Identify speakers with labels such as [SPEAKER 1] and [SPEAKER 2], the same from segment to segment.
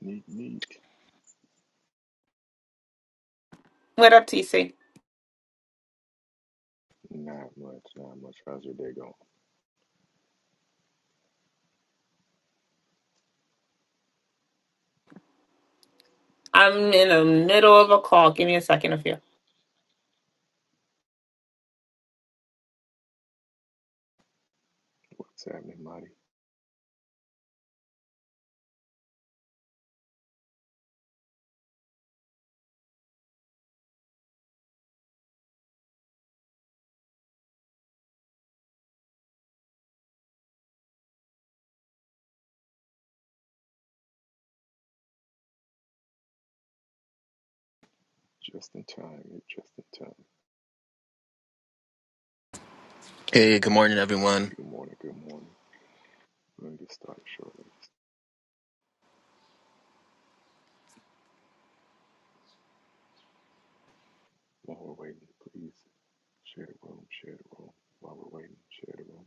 [SPEAKER 1] Neat, neat.
[SPEAKER 2] What up, TC?
[SPEAKER 1] Not much, not much. How's your day going?
[SPEAKER 2] I'm in the middle of a call. Give me a second of you.
[SPEAKER 1] What's happening, Marty? Just in time, you're just in time.
[SPEAKER 3] Hey, good morning, everyone.
[SPEAKER 1] Good morning, good morning. We're going to get started shortly. While we're waiting, please share the room, share the room. While we're waiting, share the room.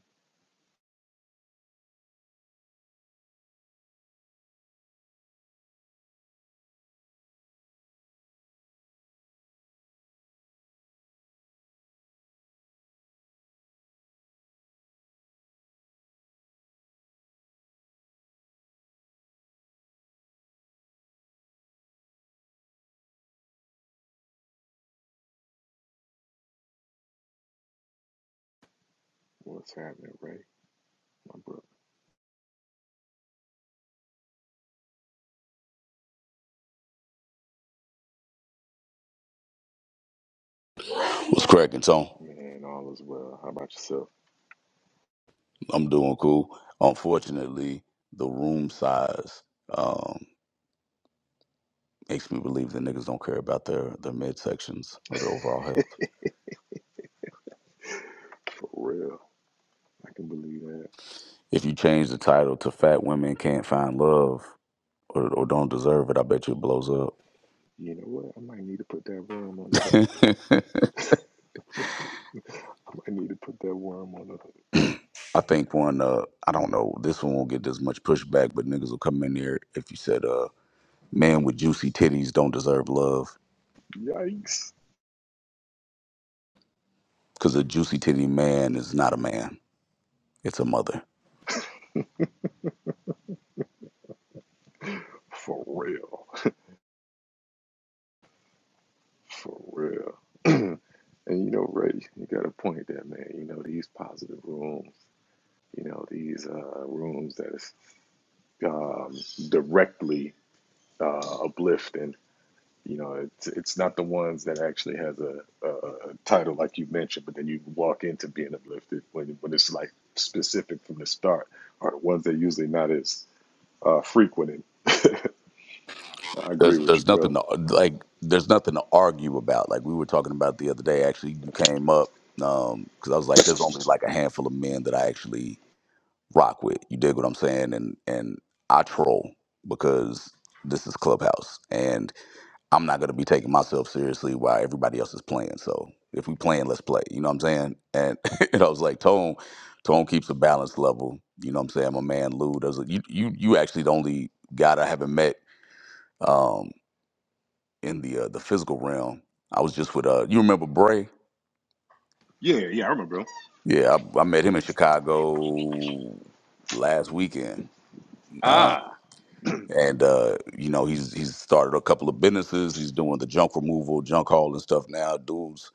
[SPEAKER 1] What's happening, Ray? My brother.
[SPEAKER 4] What's cracking, Tone?
[SPEAKER 1] Man, all is well. How about yourself?
[SPEAKER 4] I'm doing cool. Unfortunately, the room size um, makes me believe that niggas don't care about their, their midsections or their overall health.
[SPEAKER 1] For real. I can believe that.
[SPEAKER 4] If you change the title to Fat Women Can't Find Love or, or Don't Deserve It, I bet you it blows up.
[SPEAKER 1] You know what? I might need to put that worm on the hook. I might need to put that worm on the hook.
[SPEAKER 4] I think one, uh, I don't know, this one won't get as much pushback, but niggas will come in here if you said, uh, man with juicy titties don't deserve love,
[SPEAKER 1] Yikes.
[SPEAKER 4] because a juicy titty man is not a man, it's a mother.
[SPEAKER 1] For real. For real. And you know, Ray, you got a point there, man. You know, these positive rooms, you know, these uh, rooms that is um, directly uh, uplifting. You know, it's it's not the ones that actually has a, a, a title like you mentioned, but then you walk into being uplifted when when it's like specific from the start. Are the ones that usually not as uh, frequent. And I agree
[SPEAKER 4] there's
[SPEAKER 1] with you,
[SPEAKER 4] there's
[SPEAKER 1] brother.
[SPEAKER 4] nothing to, like there's nothing to argue about. Like we were talking about the other day. Actually, you came up because I was like, there's only like a handful of men that I actually rock with. You dig what I'm saying? And and I troll because this is Clubhouse, and I'm not gonna be taking myself seriously while everybody else is playing. So if we playing, let's play. You know what I'm saying? And and I was like, Tone, Tone keeps a balance level. You know what I'm saying? My man Lou does. You you you actually the only guy that I haven't met um, in the uh, the physical realm. I was just with uh, you remember Bray?
[SPEAKER 1] Yeah, yeah, I remember, remember. 'em.
[SPEAKER 4] Yeah, I, I met him in Chicago last weekend, uh,
[SPEAKER 1] Ah,
[SPEAKER 4] and uh, you know he's he's started a couple of businesses. He's doing the junk removal, junk haul, and stuff now. Dude's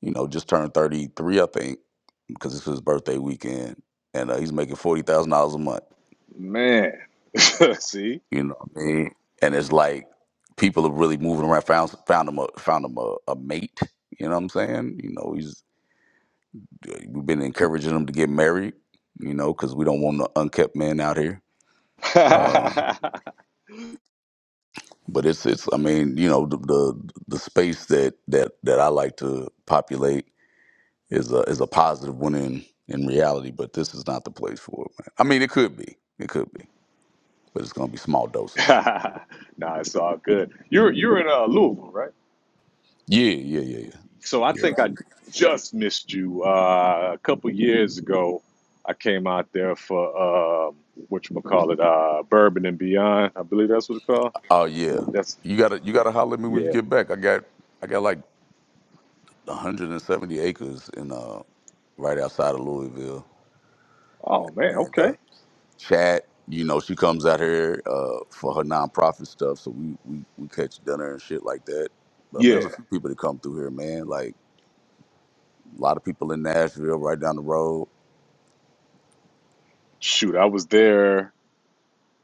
[SPEAKER 4] you know just turned thirty three, I think, because it's his birthday weekend, and uh, he's making forty thousand dollars a month.
[SPEAKER 1] man. See.
[SPEAKER 4] You know what I mean? And it's like people are really moving around. Found found him a found him a, a mate. You know what I'm saying? You know, he's We've been encouraging them to get married, you know, because we don't want the unkept men out here. Um, but it's it's I mean, you know, the the, the space that, that that I like to populate is a is a positive one in in reality. But this is not the place for it, man. I mean, it could be, it could be, but it's gonna be small doses.
[SPEAKER 1] nah, it's all good. You're you're in uh, Louisville, right?
[SPEAKER 4] Yeah, yeah, yeah, yeah,
[SPEAKER 1] So I
[SPEAKER 4] yeah.
[SPEAKER 1] think
[SPEAKER 4] Sure.
[SPEAKER 1] I just missed you uh, a couple years ago. I came out there for uh, what you call it, uh, Bourbon and Beyond. I believe that's what it's called.
[SPEAKER 4] Oh yeah,
[SPEAKER 1] That's
[SPEAKER 4] you gotta you gotta holler at me when you
[SPEAKER 1] yeah.
[SPEAKER 4] get back. I got I got like 170 acres in uh right outside of Louisville,
[SPEAKER 1] Oh man,
[SPEAKER 4] and uh,
[SPEAKER 1] okay.
[SPEAKER 4] chat. You know, she comes out here uh, for her nonprofit stuff, so we, we we catch dinner and shit like that. But I mean, there's
[SPEAKER 1] Yeah,
[SPEAKER 4] a few people that come through here, man. Like a lot of people in Nashville, right down the road.
[SPEAKER 1] shoot, I was there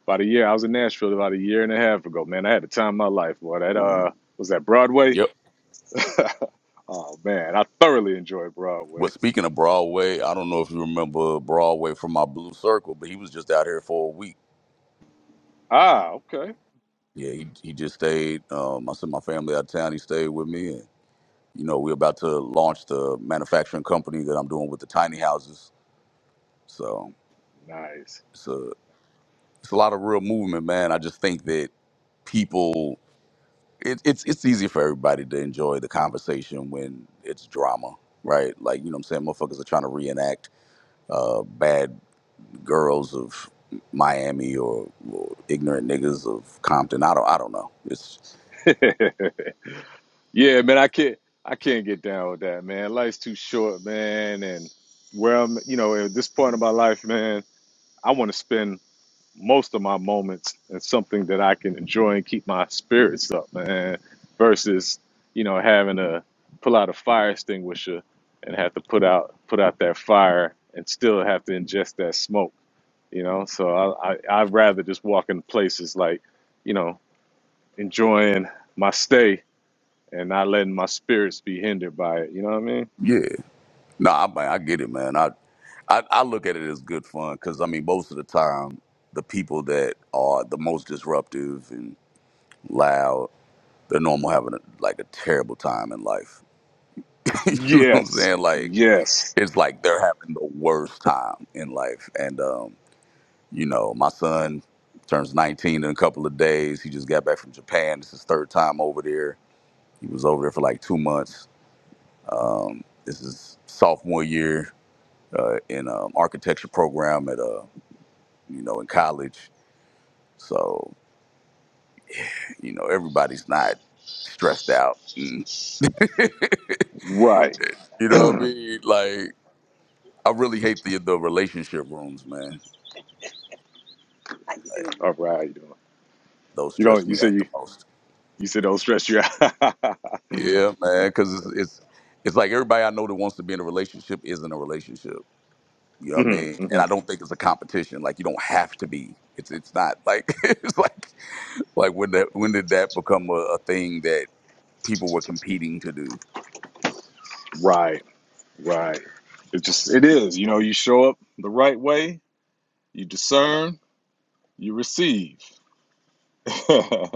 [SPEAKER 1] about a year. I was in Nashville about a year and a half ago. Man, I had the time of my life. Boy, that uh, was that Broadway.
[SPEAKER 4] Yep.
[SPEAKER 1] oh man, I thoroughly enjoyed
[SPEAKER 4] But
[SPEAKER 1] Broadway.
[SPEAKER 4] speaking of Broadway, I don't know if you remember Broadway from my Blue Circle, but he was just out here for a week.
[SPEAKER 1] Ah, okay.
[SPEAKER 4] Yeah, he he just stayed. Um, I sent my family out of town. He stayed with me, and you know, we're about to launch the manufacturing company that I'm doing with the tiny houses. So
[SPEAKER 1] Nice.
[SPEAKER 4] it's a it's a lot of real movement, man. I just think that people it, it's it's easy for everybody to enjoy the conversation when it's drama right like you know what i'm saying motherfuckers are trying to reenact uh, bad girls of miami or, or ignorant niggas of compton i don't i don't know it's
[SPEAKER 1] yeah, man, I can't I can't get down with that, man. Life's too short, man, and where I'm, you know, at this point in my life, man, I want to spend most of my moments in something that I can enjoy and keep my spirits up, man, versus, you know, having to pull out a fire extinguisher and have to put out put out that fire and still have to ingest that smoke, you know? So I, I I'd rather just walk in places like, you know, enjoying my stay and not letting my spirits be hindered by it. You know what I mean?
[SPEAKER 4] yeah no i man, i get it man i i, I look at it as good fun because i mean most of the time the people that are the most disruptive and loud they're normal having a, like a terrible time in life you know what I'm
[SPEAKER 1] Yes.
[SPEAKER 4] saying? Like
[SPEAKER 1] Yes.
[SPEAKER 4] it's like they're having the worst time in life. And um, you know, my son turns 19 in a couple of days. He just got back from Japan. This is his third time over there. He was over there for like two months. Um, this is sophomore year uh, in um, architecture program at uh, you know in college. So you know everybody's not stressed out. Mm.
[SPEAKER 1] Right.
[SPEAKER 4] you know what I
[SPEAKER 1] All
[SPEAKER 4] mean? Like I really hate the the relationship rooms, man.
[SPEAKER 1] How you
[SPEAKER 4] Like,
[SPEAKER 1] doing? right. How you doing?
[SPEAKER 4] Those
[SPEAKER 1] You
[SPEAKER 4] stress
[SPEAKER 1] don't. You
[SPEAKER 4] me
[SPEAKER 1] said
[SPEAKER 4] out the
[SPEAKER 1] you.
[SPEAKER 4] most.
[SPEAKER 1] You said don't stress you out.
[SPEAKER 4] Yeah, man, because it's, it's it's like everybody I know that wants to be in a relationship is in a relationship. You know what I
[SPEAKER 1] Mhm,
[SPEAKER 4] mean? And I
[SPEAKER 1] mhm.
[SPEAKER 4] don't think it's a competition. Like you don't have to be. It's it's not like it's like like when that when did that become a, a thing that people were competing to do?
[SPEAKER 1] Right. Right. It just. It is. You know. You show up the right way. You discern. You receive. yeah,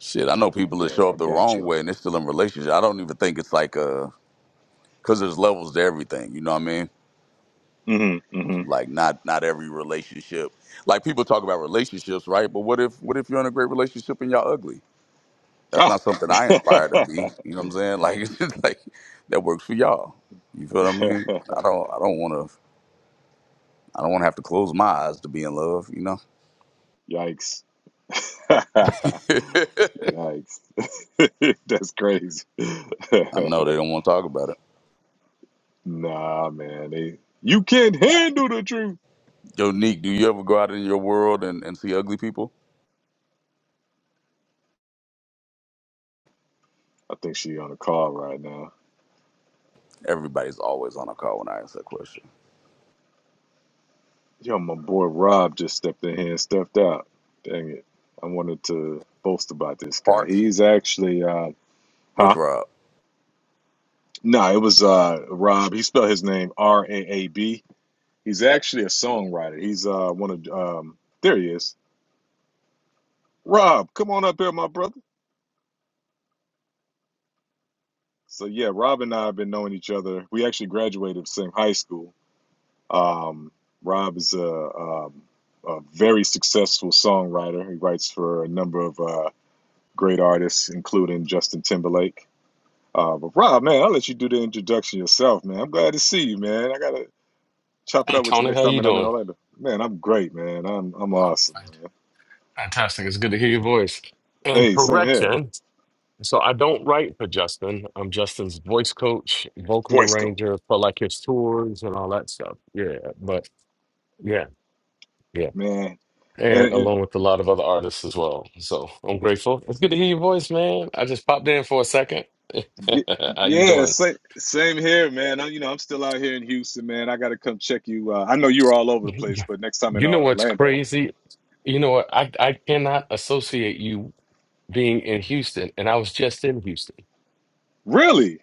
[SPEAKER 4] Shit, I know people that show
[SPEAKER 1] I
[SPEAKER 4] up the
[SPEAKER 1] got
[SPEAKER 4] wrong
[SPEAKER 1] you on
[SPEAKER 4] way and they're still in a relationship. I don't even think it's like a because there's levels to everything. You know what I mean? Like not not every relationship. Like people talk about relationships, right? But what if what if you're in a great relationship and y'all ugly? That's
[SPEAKER 1] that.
[SPEAKER 4] not something I
[SPEAKER 1] hmm
[SPEAKER 4] aspire to
[SPEAKER 1] hmm
[SPEAKER 4] be. You know what I'm saying? Like it's just like that works for y'all. You feel what I
[SPEAKER 1] Ah.
[SPEAKER 4] mean? I don't I don't wanna I don't wanna have to close my eyes to be in love, you know?
[SPEAKER 1] Yikes. Yikes. That's crazy.
[SPEAKER 4] I know they don't want to talk about it.
[SPEAKER 1] nah, man. They, you can't handle the truth.
[SPEAKER 4] Yo, Neek, do you ever go out in your world and, and see ugly people?
[SPEAKER 1] I think she on a call right now.
[SPEAKER 4] Everybody's always on a call when I ask that question.
[SPEAKER 1] Yo, my boy Rob just stepped in here and stepped out. Dang it. I wanted to boast about this guy.
[SPEAKER 4] Parts?
[SPEAKER 1] He's actually, uh,
[SPEAKER 4] Which
[SPEAKER 1] huh?
[SPEAKER 4] Rob?
[SPEAKER 1] No, it was uh, Rob. He spelled his name R A A B. He's actually a songwriter. He's uh, one of, um, there he is. Rob, come on up here, my brother. So yeah, Rob and I have been knowing each other. We actually graduated from the same high school. Um, Rob is a, um a very successful songwriter. He writes for a number of uh, great artists, including Justin Timberlake. Uh, but Rob, man, I'll let you do the introduction yourself, man. I'm glad to see you, man. I gotta chop it
[SPEAKER 5] Hey
[SPEAKER 1] up with you
[SPEAKER 5] Tony,
[SPEAKER 1] next
[SPEAKER 5] how
[SPEAKER 1] time
[SPEAKER 5] you
[SPEAKER 1] when I'm in
[SPEAKER 5] doing?
[SPEAKER 1] Orlando. Man, I'm great, man. I'm I'm
[SPEAKER 5] Oh,
[SPEAKER 1] awesome,
[SPEAKER 5] fan-
[SPEAKER 1] man.
[SPEAKER 5] fantastic! It's good to hear your voice. And
[SPEAKER 1] Hey, same here.
[SPEAKER 5] correction, so I don't write for Justin. I'm Justin's voice coach, vocal
[SPEAKER 1] Voice coach,
[SPEAKER 5] arranger for like his tours and all that stuff. Yeah, but yeah, yeah,
[SPEAKER 1] man. And
[SPEAKER 5] and
[SPEAKER 1] and
[SPEAKER 5] along with a lot of other artists as well. So I'm grateful. It's good to hear your voice, man. I just popped in for a second.
[SPEAKER 1] Ye-
[SPEAKER 5] how you
[SPEAKER 1] Yeah,
[SPEAKER 5] doing?
[SPEAKER 1] same, same here, man. I, you know, I'm still out here in Houston, man. I got to come check you. Uh, I know you were all over the place,
[SPEAKER 5] Yeah.
[SPEAKER 1] but next time in
[SPEAKER 5] You
[SPEAKER 1] uh,
[SPEAKER 5] know what's
[SPEAKER 1] Orlando,
[SPEAKER 5] crazy? You know what? I I cannot associate you being in Houston, and I was just in Houston.
[SPEAKER 1] really?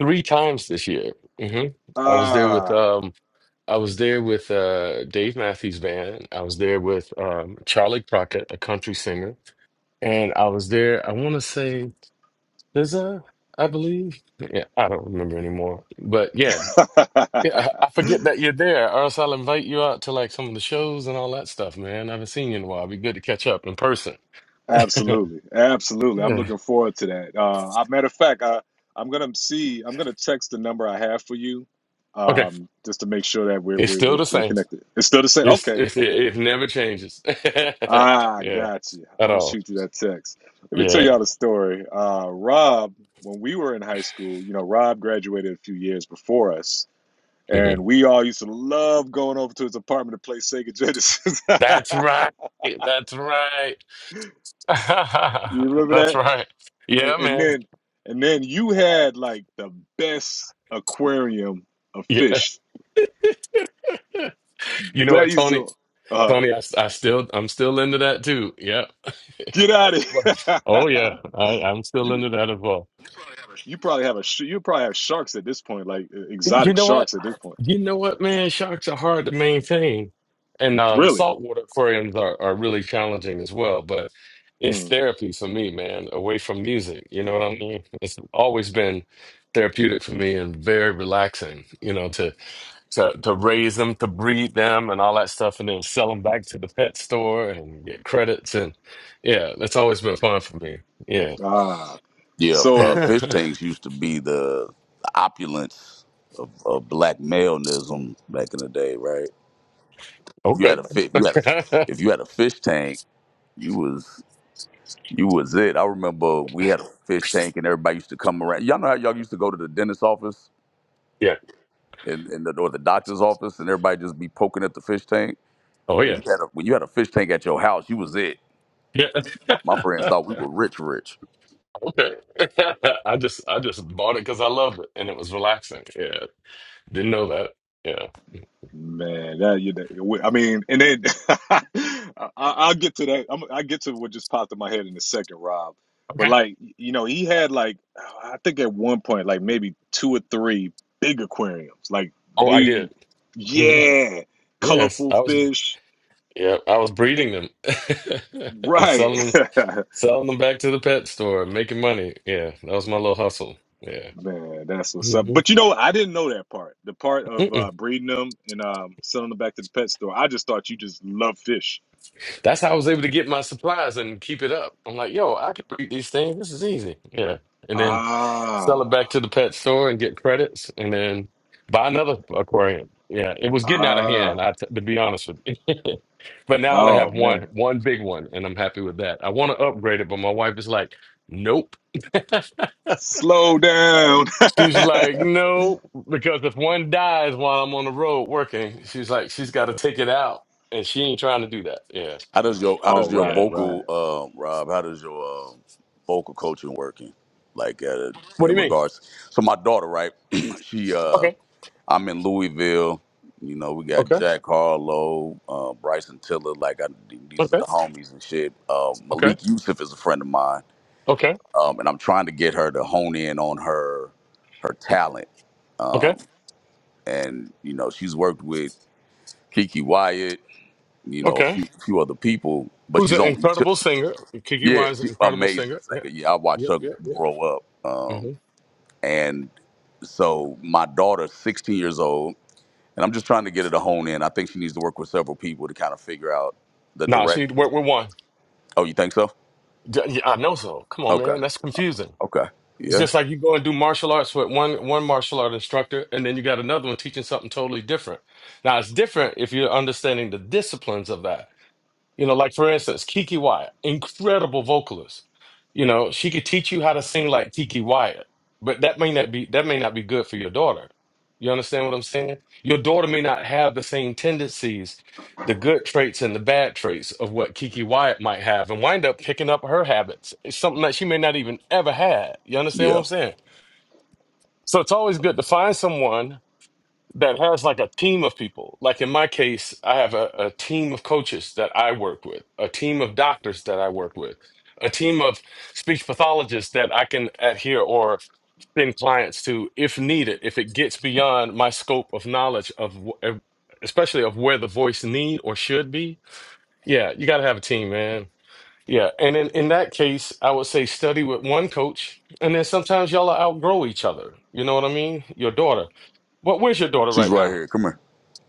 [SPEAKER 5] three times this year. hmm I was there with
[SPEAKER 1] Ah,
[SPEAKER 5] um I was there with uh Dave Matthews Band. I was there with um Charlie Crockett, a country singer, and I was there. I want to say SZA, I believe. Yeah, I don't remember anymore. But yeah, yeah, I, I forget that you're there, or else I'll invite you out to like some of the shows and all that stuff, man. I haven't seen you in a while. It'd be good to catch up in person.
[SPEAKER 1] absolutely, absolutely. I'm
[SPEAKER 5] yeah.
[SPEAKER 1] looking forward to that. Uh, I, matter of fact, I, I'm gonna see. I'm gonna text the number I have for you,
[SPEAKER 5] Okay.
[SPEAKER 1] um, just to make sure that we're
[SPEAKER 5] It's
[SPEAKER 1] we're,
[SPEAKER 5] still
[SPEAKER 1] we're,
[SPEAKER 5] the
[SPEAKER 1] we're
[SPEAKER 5] same.
[SPEAKER 1] connected. It's still the same.
[SPEAKER 5] It's,
[SPEAKER 1] Okay,
[SPEAKER 5] it's it,
[SPEAKER 1] okay.
[SPEAKER 5] it never changes.
[SPEAKER 1] Ah,
[SPEAKER 5] yeah,
[SPEAKER 1] got you. I'm
[SPEAKER 5] at
[SPEAKER 1] gonna
[SPEAKER 5] all.
[SPEAKER 1] shoot you that text. Let me tell
[SPEAKER 5] Yeah.
[SPEAKER 1] y'all the story. Uh, Rob, when we were in high school, you know, Rob graduated a few years before us,
[SPEAKER 5] hmm
[SPEAKER 1] and we all used to love going over to his apartment to play Sega Genesis.
[SPEAKER 5] That's right. That's right.
[SPEAKER 1] you remember
[SPEAKER 5] That's
[SPEAKER 1] that?
[SPEAKER 5] right.
[SPEAKER 1] And,
[SPEAKER 5] Yeah,
[SPEAKER 1] and
[SPEAKER 5] man.
[SPEAKER 1] then, and then you had like the best aquarium of
[SPEAKER 5] Yeah.
[SPEAKER 1] fish.
[SPEAKER 5] You know what,
[SPEAKER 1] That used
[SPEAKER 5] Tony?
[SPEAKER 1] to uh,
[SPEAKER 5] Tony, I, I still, I'm still into that too. Yeah.
[SPEAKER 1] get out of
[SPEAKER 5] oh yeah.
[SPEAKER 1] here.
[SPEAKER 5] I, I'm still
[SPEAKER 1] you
[SPEAKER 5] into that as well.
[SPEAKER 1] you probably have a sh- you probably have sharks at this point, like uh,
[SPEAKER 5] You
[SPEAKER 1] exotic
[SPEAKER 5] know what?
[SPEAKER 1] sharks at this point.
[SPEAKER 5] You know what, man? Sharks are hard to maintain, and um,
[SPEAKER 1] Really?
[SPEAKER 5] saltwater aquariums are, are really challenging as well. But it's
[SPEAKER 1] Hmm.
[SPEAKER 5] therapy for me, man. Away from music, you know what I mean? It's always been therapeutic for me and very relaxing. You know, to to to raise them, to breed them, and all that stuff, and then sell them back to the pet store and get credits. And yeah, that's always been fun for me. Yeah.
[SPEAKER 1] Ah.
[SPEAKER 4] Yeah, f- uh,
[SPEAKER 1] So,
[SPEAKER 4] fish tanks used to be the, the opulence of, of black maleism back in the day, right? If you had
[SPEAKER 5] okay.
[SPEAKER 4] a fi- you had a, if you had a fish tank, you was you was it. I remember we had a fish tank, and everybody used to come around. Y'all know how y'all used to go to the dentist's office
[SPEAKER 5] yeah.
[SPEAKER 4] and, and the, or the doctor's office, and everybody just be poking at the fish tank.
[SPEAKER 5] Oh
[SPEAKER 4] When
[SPEAKER 5] yeah.
[SPEAKER 4] you had a when you had a fish tank at your house, you was it. My, my
[SPEAKER 5] Yeah.
[SPEAKER 4] friends thought we were rich, rich.
[SPEAKER 5] Okay. I just I just bought it because I loved it and it was relaxing. Yeah. Didn't know that. Yeah.
[SPEAKER 1] man, that you. know, I mean, and then I, I- I'll get to that. I'm, I'll get to what just popped in my head in a second, Rob. But
[SPEAKER 5] Okay.
[SPEAKER 1] like, you know, he had like, I think at one point, like maybe two or three big aquariums. Like
[SPEAKER 5] Oh, I
[SPEAKER 1] they,
[SPEAKER 5] did. hmm
[SPEAKER 1] yeah,
[SPEAKER 5] Yes,
[SPEAKER 1] colorful
[SPEAKER 5] I was
[SPEAKER 1] fish.
[SPEAKER 5] yeah, I was
[SPEAKER 1] eh,
[SPEAKER 5] breeding them and
[SPEAKER 1] Right.
[SPEAKER 5] selling them selling them back to the pet store and making money. Yeah, that was my little hustle. Yeah.
[SPEAKER 1] Man, that's what's up. But
[SPEAKER 5] hmm
[SPEAKER 1] you know, I didn't know that part. The part of uh, breeding them and um, selling them back to the pet store. I just thought you just love fish.
[SPEAKER 5] That's how I was able to get my supplies and keep it up. I'm like, yo, I can breed these things. This is easy. Yeah. And then sell it back
[SPEAKER 1] Ah,
[SPEAKER 5] to the pet store and get credits and then buy another aquarium. Yeah. It was getting out of
[SPEAKER 1] ah,
[SPEAKER 5] hand, I t to be honest with you. But now I only
[SPEAKER 1] oh
[SPEAKER 5] have one,
[SPEAKER 1] man.
[SPEAKER 5] one big one, and I'm happy with that. I want to upgrade it, but my wife is like, nope.
[SPEAKER 1] Slow down.
[SPEAKER 5] She's like, no, because if one dies while I'm on the road working, she's like, she's got to take it out. And she ain't trying to do that. Yeah.
[SPEAKER 4] How does your how
[SPEAKER 1] oh,
[SPEAKER 4] does your
[SPEAKER 5] Yeah.
[SPEAKER 1] right, right.
[SPEAKER 4] vocal um, Rob? How does your um vocal coaching working? Like uh,
[SPEAKER 5] What do
[SPEAKER 4] in
[SPEAKER 5] you mean?
[SPEAKER 4] regards, so my daughter, right? she, uh,
[SPEAKER 5] Okay.
[SPEAKER 4] I'm in Louisville. You know, we got
[SPEAKER 5] Okay.
[SPEAKER 4] Jack Harlow, uh, Bryson Tiller. Like I, these are
[SPEAKER 5] Okay.
[SPEAKER 4] the homies and shit. Uh,
[SPEAKER 5] Okay.
[SPEAKER 4] Malik Yusuf is a friend of mine,
[SPEAKER 5] Okay.
[SPEAKER 4] um, and I'm trying to get her to hone in on her her talent.
[SPEAKER 5] Okay.
[SPEAKER 4] Um, and you know, she's worked with Kiki Wyatt. You know, a
[SPEAKER 5] Okay.
[SPEAKER 4] few, few other people, but
[SPEAKER 5] Who's
[SPEAKER 4] she's
[SPEAKER 5] an
[SPEAKER 4] only
[SPEAKER 5] incredible singer? Kiki
[SPEAKER 4] yeah,
[SPEAKER 5] Y is an
[SPEAKER 4] she's an
[SPEAKER 5] incredible
[SPEAKER 4] amazing
[SPEAKER 5] singer. Yeah.
[SPEAKER 4] singer. Yeah, I watched
[SPEAKER 5] Yeah.
[SPEAKER 4] her
[SPEAKER 5] Yeah.
[SPEAKER 4] grow up.
[SPEAKER 5] Yeah.
[SPEAKER 4] Um,
[SPEAKER 5] hmm
[SPEAKER 4] and so my daughter's 16 years old, and I'm just trying to get her to hone in. I think she needs to work with several people to kind of figure out the
[SPEAKER 5] Nah, she
[SPEAKER 4] direction.
[SPEAKER 5] we're, we're one.
[SPEAKER 4] Oh, you think so?
[SPEAKER 5] D- Yeah, I know so. Come on,
[SPEAKER 4] Okay.
[SPEAKER 5] man. That's confusing.
[SPEAKER 4] Okay.
[SPEAKER 5] It's
[SPEAKER 4] Yeah.
[SPEAKER 5] just like you go and do martial arts with one one martial art instructor, and then you got another one teaching something totally different. Now it's different if you're understanding the disciplines of that. You know, like for instance, Kiki Wyatt, incredible vocalist. You know, she could teach you how to sing like Kiki Wyatt, but that may not be that may not be good for your daughter. You understand what I'm saying? Your daughter may not have the same tendencies, the good traits and the bad traits of what Kiki Wyatt might have, and wind up picking up her habits. It's something that she may not even ever had. You understand what
[SPEAKER 4] Yeah.
[SPEAKER 5] I'm saying? So it's always good to find someone that has like a team of people. Like in my case, I have a, a team of coaches that I work with, a team of doctors that I work with, a team of speech pathologists that I can adhere or send clients to if needed, if it gets beyond my scope of knowledge of, wh- especially of where the voice need or should be. Yeah, you got to have a team, man. Yeah, and in, in that case, I would say study with one coach, and then sometimes y'all outgrow each other. You know what I mean? Your daughter. Well, where's your daughter
[SPEAKER 4] She's
[SPEAKER 5] right
[SPEAKER 4] right
[SPEAKER 5] now?
[SPEAKER 4] here. Come here.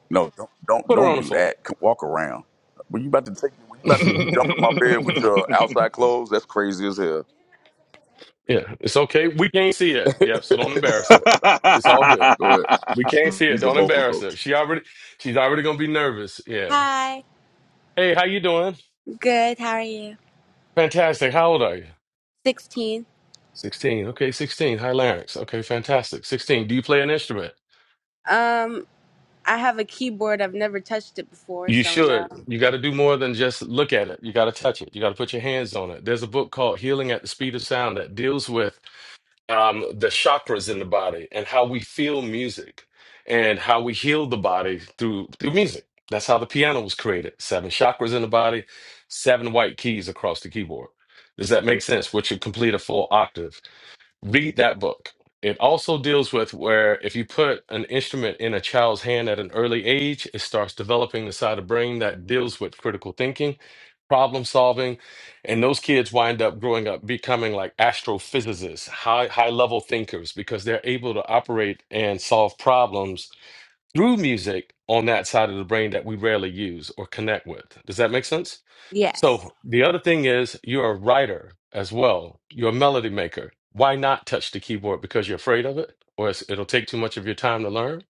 [SPEAKER 4] No, don't don't
[SPEAKER 5] Put her on
[SPEAKER 4] don't
[SPEAKER 5] the
[SPEAKER 4] do
[SPEAKER 5] phone.
[SPEAKER 4] that. Come, walk around. When you about to take when you about to jump in my bed
[SPEAKER 5] Put
[SPEAKER 4] with
[SPEAKER 5] her- on.
[SPEAKER 4] your outside clothes, that's crazy as hell.
[SPEAKER 5] yeah, it's okay. We can't see it. Yep. So don't embarrass her. It's all good.
[SPEAKER 4] Go ahead.
[SPEAKER 5] We can't see it.
[SPEAKER 4] He's a
[SPEAKER 5] Don't
[SPEAKER 4] vocal
[SPEAKER 5] embarrass her.
[SPEAKER 4] coach.
[SPEAKER 5] She already, she's already gonna be nervous. Yeah.
[SPEAKER 4] Hi,
[SPEAKER 5] Hey, how you doing?
[SPEAKER 4] good. How are you?
[SPEAKER 5] Fantastic. How old are you?
[SPEAKER 4] 16.
[SPEAKER 5] Sixteen. Okay, sixteen. High larynx. Okay, fantastic. Sixteen. Do you play an instrument?
[SPEAKER 4] Um, I have a keyboard. I've never touched it before,
[SPEAKER 5] You
[SPEAKER 4] so no.
[SPEAKER 5] should. You got to do more than just look at it. You got to touch it. You got to put your hands on it. There's a book called Healing at the Speed of Sound that deals with um, the chakras in the body and how we feel music and how we heal the body through through music. That's how the piano was created. Seven chakras in the body, seven white keys across the keyboard. Does that make sense? Which would complete a full octave read that book. It also deals with where if you put an instrument in a child's hand at an early age, it starts developing the side of brain that deals with critical thinking, problem solving, and those kids wind up growing up becoming like astrophysicists, high high level thinkers because they're able to operate and solve problems through music on that side of the brain that we rarely use or connect with. Does that make sense?
[SPEAKER 4] Yes.
[SPEAKER 5] So the other thing is you're a writer as well. You're a melody maker. Why not touch the keyboard? Because you're afraid of it, or it's, it'll take too much of your time to learn.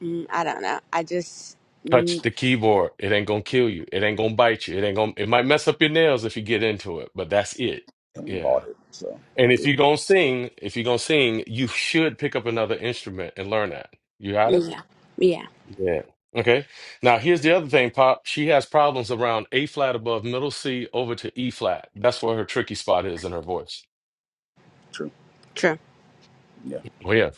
[SPEAKER 4] Mm, I don't know. I just.
[SPEAKER 5] Touch
[SPEAKER 4] Mm,
[SPEAKER 5] the keyboard. It ain't gonna kill you. It ain't gonna bite you. It ain't gonna. It might mess up your nails if you get into it, but that's it.
[SPEAKER 4] and we
[SPEAKER 5] Yeah.
[SPEAKER 4] bought it. So
[SPEAKER 5] And if you're gonna sing, if you're gonna sing, you should pick up another instrument and learn that. You got it?
[SPEAKER 4] yeah. Yeah.
[SPEAKER 5] Yeah. Okay. Now here's the other thing, Pop. She has problems around A flat above middle C over to E flat. That's where her tricky spot is in her voice.
[SPEAKER 4] true. True. Yeah.
[SPEAKER 5] Oh yeah.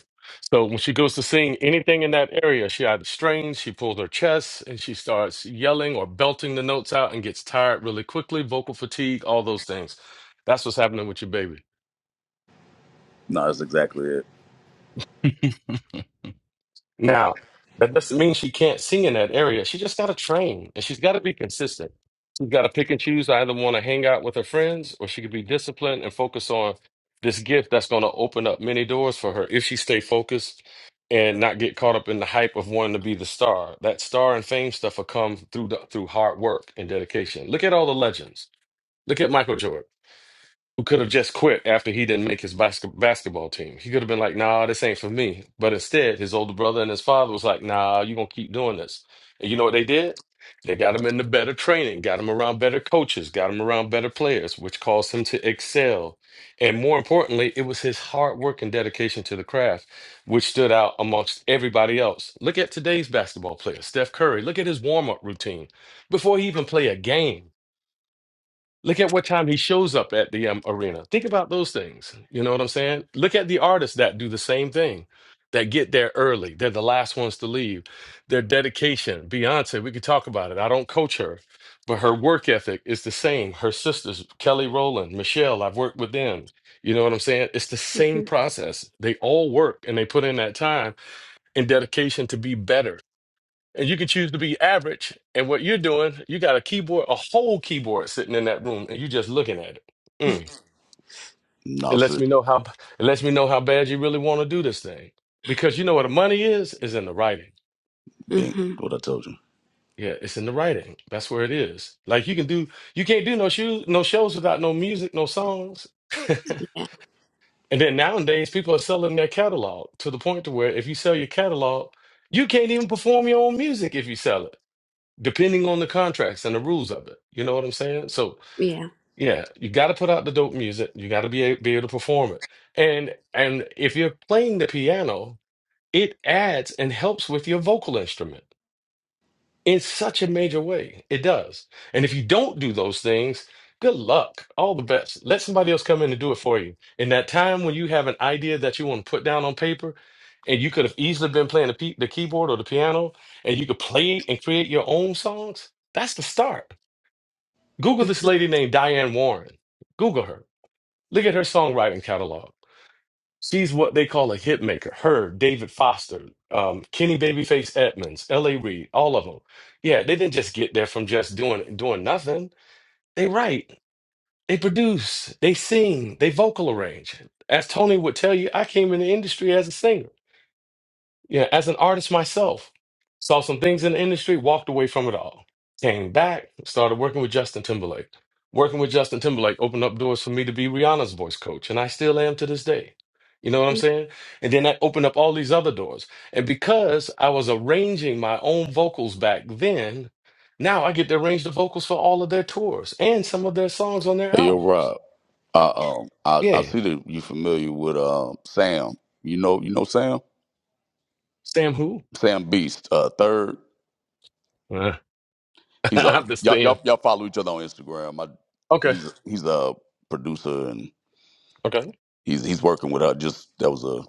[SPEAKER 5] So when she goes to sing anything in that area, she either strains, she pulls her chest, and she starts yelling or belting the notes out and gets tired really quickly, vocal fatigue, all those things. That's what's happening with your baby.
[SPEAKER 4] No, that's exactly it.
[SPEAKER 5] Now, that doesn't mean she can't sing in that area. She just got to train and she's got to be consistent. She's got to pick and choose. I either want to hang out with her friends or she could be disciplined and focus on this gift that's going to open up many doors for her if she stay focused and not get caught up in the hype of wanting to be the star. That star and fame stuff will come through the, through hard work and dedication. Look at all the legends. Look at Michael Jordan who could have just quit after he didn't make his basket- basketball team. He could have been like, nah, this ain't for me. But instead, his older brother and his father was like, nah, you going to keep doing this. And you know what they did? They got him into better training, got him around better coaches, got him around better players, which caused him to excel. And more importantly, it was his hard work and dedication to the craft, which stood out amongst everybody else. Look at today's basketball player, Steph Curry. Look at his warm up routine before he even play a game. Look at what time he shows up at the um, arena. Think about those things. You know what I'm saying? Look at the artists that do the same thing, that get there early. They're the last ones to leave. Their dedication. Beyonce, we could talk about it. I don't coach her, but her work ethic is the same. Her sisters, Kelly Rowland, Michelle, I've worked with them. You know what I'm saying? It's the same process. They all work and they put in that time and dedication to be better and you can choose to be average. And what you're doing, you got a keyboard, a whole keyboard sitting in that room, and you are just looking at it. Mm. It
[SPEAKER 4] No,
[SPEAKER 5] lets
[SPEAKER 4] sis,
[SPEAKER 5] me know how it lets me know how bad you really want to do this thing. Because you know where the money is, is in the writing.
[SPEAKER 4] dink. Mm-hmm. What I told you.
[SPEAKER 5] Yeah, it's in the writing. That's where it is. Like you can do you can't do no shoes, no shows without no music, no songs.
[SPEAKER 4] Yeah.
[SPEAKER 5] and then nowadays people are selling their catalog to the point to where if you sell your catalog, you can't even perform your own music if you sell it. depending on the contracts and the rules of it. You know what I'm saying? So
[SPEAKER 4] Yeah.
[SPEAKER 5] yeah, you got to put out the dope music. You got to be a, be able to perform it. And and if you're playing the piano, it adds and helps with your vocal instrument in such a major way. It does. And if you don't do those things, good luck. All the best. Let somebody else come in and do it for you. In that time when you have an idea that you want to put down on paper, and you could have easily been playing the, pe- the keyboard or the piano, and you could play and create your own songs. That's the start Google this lady named Diane Warren. Google her. Look at her songwriting catalog. She's what they call a hit maker. Her, David Foster, um, Kenny Babyface Edmonds, L.A. Reid, all of them. Yeah, they didn't just get there from just doing doing nothing. They write, they produce, they sing, they vocal arrange. As Tony would tell you, I came in the industry as a singer. Yeah, as an artist myself, saw some things in the industry, walked away from it all. Came back, started working with Justin Timberlake. Working with Justin Timberlake opened up doors for me to be Rihanna's voice coach, and I still am to this day. You know what I'm saying? And then that opened up all these other doors. And because I was arranging my own vocals back then, now I get to arrange the vocals for all of their tours and some of their songs on their
[SPEAKER 4] Hey, yo,
[SPEAKER 5] albums.
[SPEAKER 4] Rob. Uh, um, I, I
[SPEAKER 5] Yeah.
[SPEAKER 4] see that you familiar with um Sam. You know, you know Sam.
[SPEAKER 5] Sam who?
[SPEAKER 4] Sam Beast. Uh, third.
[SPEAKER 5] Uh,
[SPEAKER 4] He's a
[SPEAKER 5] I'm just
[SPEAKER 4] y'all,
[SPEAKER 5] saying.
[SPEAKER 4] y'all y'all follow each other on Instagram. I,
[SPEAKER 5] Okay.
[SPEAKER 4] he's a, he's a producer and.
[SPEAKER 5] Okay.
[SPEAKER 4] He's he's working with her. Just that was a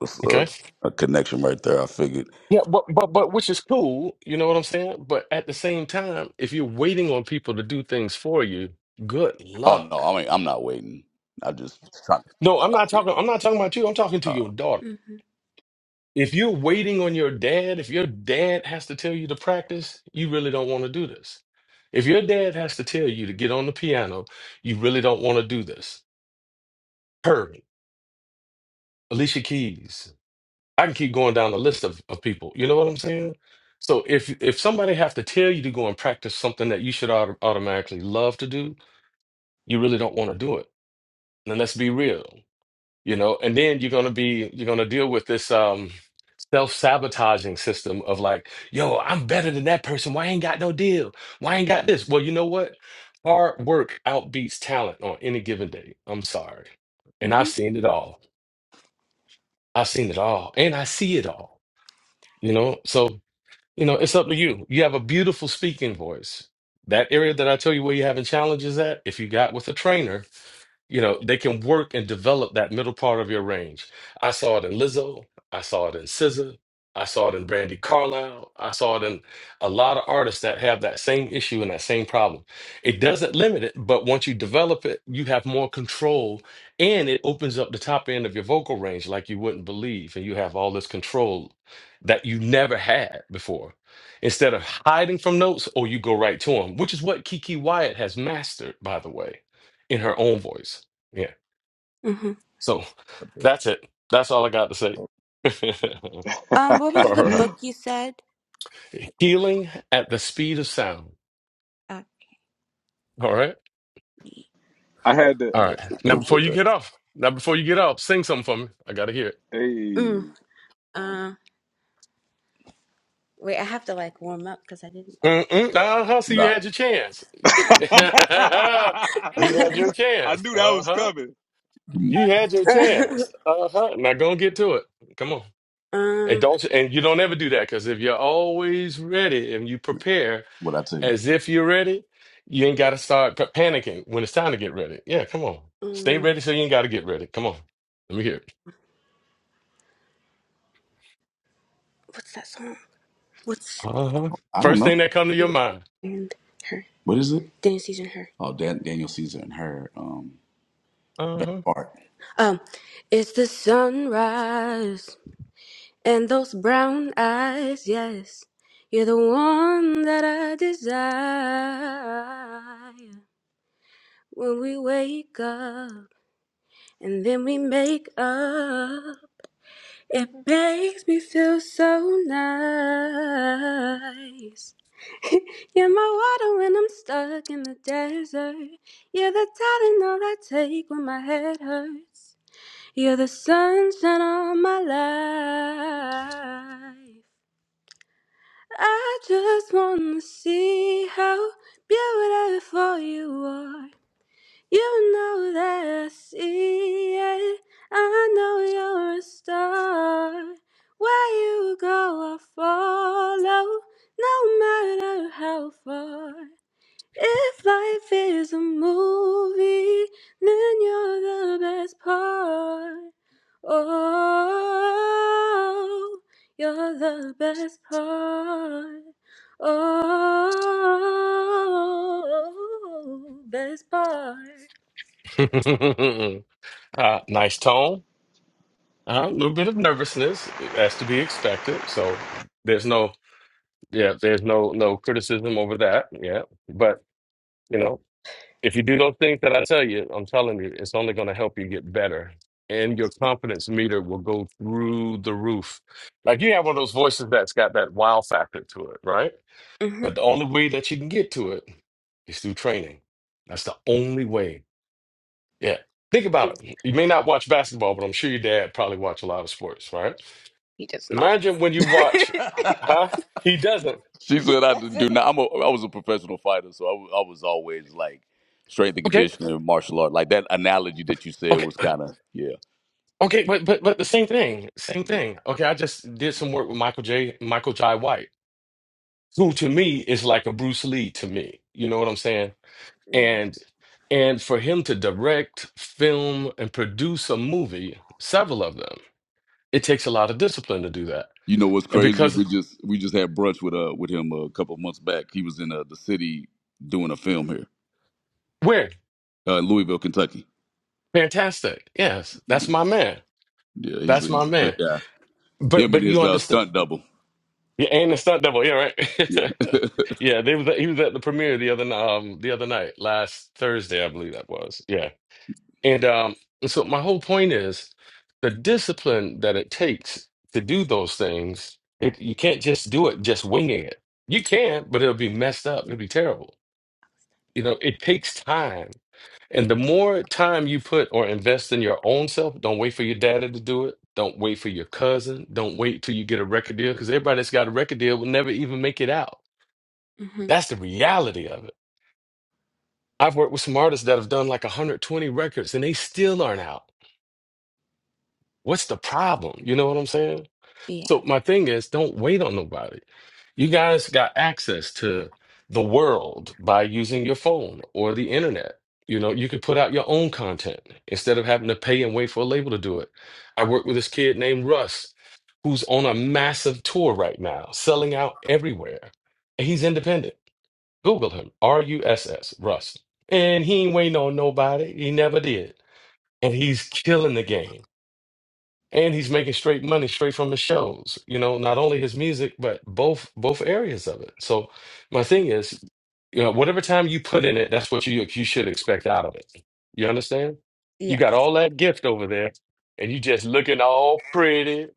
[SPEAKER 4] was a,
[SPEAKER 5] Okay.
[SPEAKER 4] a connection right there. I figured.
[SPEAKER 5] Yeah, but but but which is cool, you know what I'm saying? But at the same time, if you're waiting on people to do things for you, good
[SPEAKER 4] Oh no,
[SPEAKER 5] luck.
[SPEAKER 4] I mean I'm not waiting. I just trying.
[SPEAKER 5] No, I'm not talking I'm not talking about you. I'm talking to
[SPEAKER 4] Uh,
[SPEAKER 5] your daughter.
[SPEAKER 4] Mhm.
[SPEAKER 5] If you're waiting on your dad, if your dad has to tell you to practice, you really don't want to do this. If your dad has to tell you to get on the piano, you really don't want to do this. Hurry. Alicia Keys. I can keep going down the list of, of people. You know what I'm saying? So if if somebody have to tell you to go and practice something that you should auto- automatically love to do, you really don't want to do it. And let's be real, you know. And then you're gonna be you're gonna deal with this um self-sabotaging system of like, yo, I'm better than that person. Why I ain't got no deal? Why I ain't got this? Well, you know what? Hard work outbeats talent on any given day. I'm sorry. And I've
[SPEAKER 4] Mhm.
[SPEAKER 5] seen it all. I've seen it all. And I see it all. You know? So You know, it's up to you. You have a beautiful speaking voice. That area that I tell you where you're having challenges at, if you got with a trainer, you know, they can work and develop that middle part of your range. I saw it in Lizzo. I saw it in SZA. I saw it in Brandi Carlile. I saw it in a lot of artists that have that same issue and that same problem. It doesn't limit it, but once you develop it, you have more control and it opens up the top end of your vocal range like you wouldn't believe. And you have all this control that you never had before. Instead of hiding from notes, or you go right to them, which is what Kiki Wyatt has mastered, by the way in her own voice. Yeah.
[SPEAKER 4] Mhm.
[SPEAKER 5] So that's it. That's all I got to say
[SPEAKER 4] Um, what was the
[SPEAKER 5] for uh,
[SPEAKER 4] book you said?
[SPEAKER 5] healing at the speed of sound.
[SPEAKER 4] Uh,
[SPEAKER 5] All right.
[SPEAKER 4] yeah,
[SPEAKER 1] I had to.
[SPEAKER 5] All right. Now, before
[SPEAKER 4] appreciate
[SPEAKER 5] you
[SPEAKER 4] that.
[SPEAKER 5] get off, now, before you get off, sing something for me. I got to hear it.
[SPEAKER 4] mm,
[SPEAKER 1] Hey.
[SPEAKER 4] uh, wait, I have to like warm up because I didn't.
[SPEAKER 5] Mm-mm. Uh huh. So you
[SPEAKER 4] Not
[SPEAKER 5] had your chance. you had
[SPEAKER 1] I
[SPEAKER 5] your chance.
[SPEAKER 1] knew that
[SPEAKER 5] Uh
[SPEAKER 1] was
[SPEAKER 5] huh.
[SPEAKER 1] coming.
[SPEAKER 5] You had your chance. Uh huh. Now go and get to it. Come on. And
[SPEAKER 4] um,
[SPEAKER 5] don't and you don't ever do that because if you're always ready and you prepare,
[SPEAKER 4] what I tell you.
[SPEAKER 5] as if you're ready, you ain't got to start p- panicking when it's time to get ready. Yeah, come on. Stay
[SPEAKER 4] um
[SPEAKER 5] ready so you ain't got to get ready. Come on. Let me hear it.
[SPEAKER 4] what's that song? What's
[SPEAKER 5] Uh-huh.
[SPEAKER 4] I don't
[SPEAKER 5] First
[SPEAKER 4] know.
[SPEAKER 5] thing that come to your mind.
[SPEAKER 4] and her What is it? Dan Caesar and her. Oh, Dan- Daniel Caesar and her um best
[SPEAKER 5] Uh-huh.
[SPEAKER 4] part. Um, it's the sunrise and those brown eyes. Yes, you're the one that I desire. When we wake up and then we make up. It makes me feel so nice. You're my water when I'm stuck in the desert. You're the Tylenol I take when my head hurts. You're the sunshine on my life. I just wanna see how beautiful you are. You know that I see it. I know you're a star. Where you go, I follow, no matter how far. If life is a movie, then you're the best part. Oh, you're the best part. Oh, best part.
[SPEAKER 5] uh, nice tone. Uh, a little bit of nervousness as to be expected. So there's no, yeah, there's no no criticism over that. Yeah, but you know. If you do those things that I tell you, I'm telling you, it's only going to help you get better. And your confidence meter will go through the roof. Like you have one of those voices that's got that wow factor to it, right?
[SPEAKER 4] hmm
[SPEAKER 5] But the only way that you can get to it is through training. That's the only way. Yeah. Think about it. You may not watch basketball, but I'm sure your dad probably watch a lot of sports, right?
[SPEAKER 4] He does not.
[SPEAKER 5] Imagine when you watch, huh? He doesn't.
[SPEAKER 4] She said I That's didn't do it. now. I'm a I was a professional fighter, so I, w- I was always like strength and
[SPEAKER 5] Okay.
[SPEAKER 4] conditioning, martial art. Like that analogy that you said
[SPEAKER 5] Okay.
[SPEAKER 4] was kind of yeah.
[SPEAKER 5] Okay, but but but the same thing, same thing. Okay, I just did some work with Michael J. Michael Jai White, who to me is like a Bruce Lee to me. You know what I'm saying?
[SPEAKER 4] Yeah.
[SPEAKER 5] And and for him to direct, film, and produce a movie, several of them, it takes a lot of discipline to do that.
[SPEAKER 4] You know what's
[SPEAKER 5] And
[SPEAKER 4] crazy?
[SPEAKER 5] because
[SPEAKER 4] We just we just had brunch with uh with him a couple of months back. He was in uh, the city doing a film here,
[SPEAKER 5] we're
[SPEAKER 4] uh, in Louisville, Kentucky.
[SPEAKER 5] fantastic, yes, that's
[SPEAKER 4] Yeah,
[SPEAKER 5] my man.
[SPEAKER 4] yeah he's a,
[SPEAKER 5] That's my
[SPEAKER 4] he's a
[SPEAKER 5] man.
[SPEAKER 4] good guy.
[SPEAKER 5] But
[SPEAKER 4] Him and
[SPEAKER 5] but
[SPEAKER 4] his
[SPEAKER 5] you
[SPEAKER 4] uh,
[SPEAKER 5] understand.
[SPEAKER 4] stunt double.
[SPEAKER 5] Yeah, and the stunt double. Yeah,
[SPEAKER 4] Yeah,
[SPEAKER 5] right. yeah, they was he was at the premiere the other n- um the other night, last Thursday, I believe that was. Yeah, and um, and so my whole point is the discipline that it takes to do those things. It, you can't just do it just winging it. You can, but it'll be messed up. It'll be terrible. You know, it takes time and the more time you put or invest in your own self, don't wait for your daddy to do it. Don't wait for your cousin. Don't wait till you get a record deal because everybody that's got a record deal will never even make it out.
[SPEAKER 4] hmm
[SPEAKER 5] That's the reality of it. I've worked with some artists that have done like 120 records and they still aren't out. What's the problem? You know what I'm saying?
[SPEAKER 4] Yeah.
[SPEAKER 5] So my thing is, don't wait on nobody. You guys got access to the world by using your phone or the internet. You know, you could put out your own content instead of having to pay and wait for a label to do it. I work with this kid named Russ, who's on a massive tour right now, selling out everywhere. And he's independent. Google him, R U S S, Russ. Russ. And he ain't waiting on nobody. He never did. And he's killing the game and he's making straight money straight from his shows you know not only his music but both both areas of it so my thing is you know whatever time you put in it that's what you you should expect out of it you understand you
[SPEAKER 4] Yeah.
[SPEAKER 5] got all that gift over there and you just looking all pretty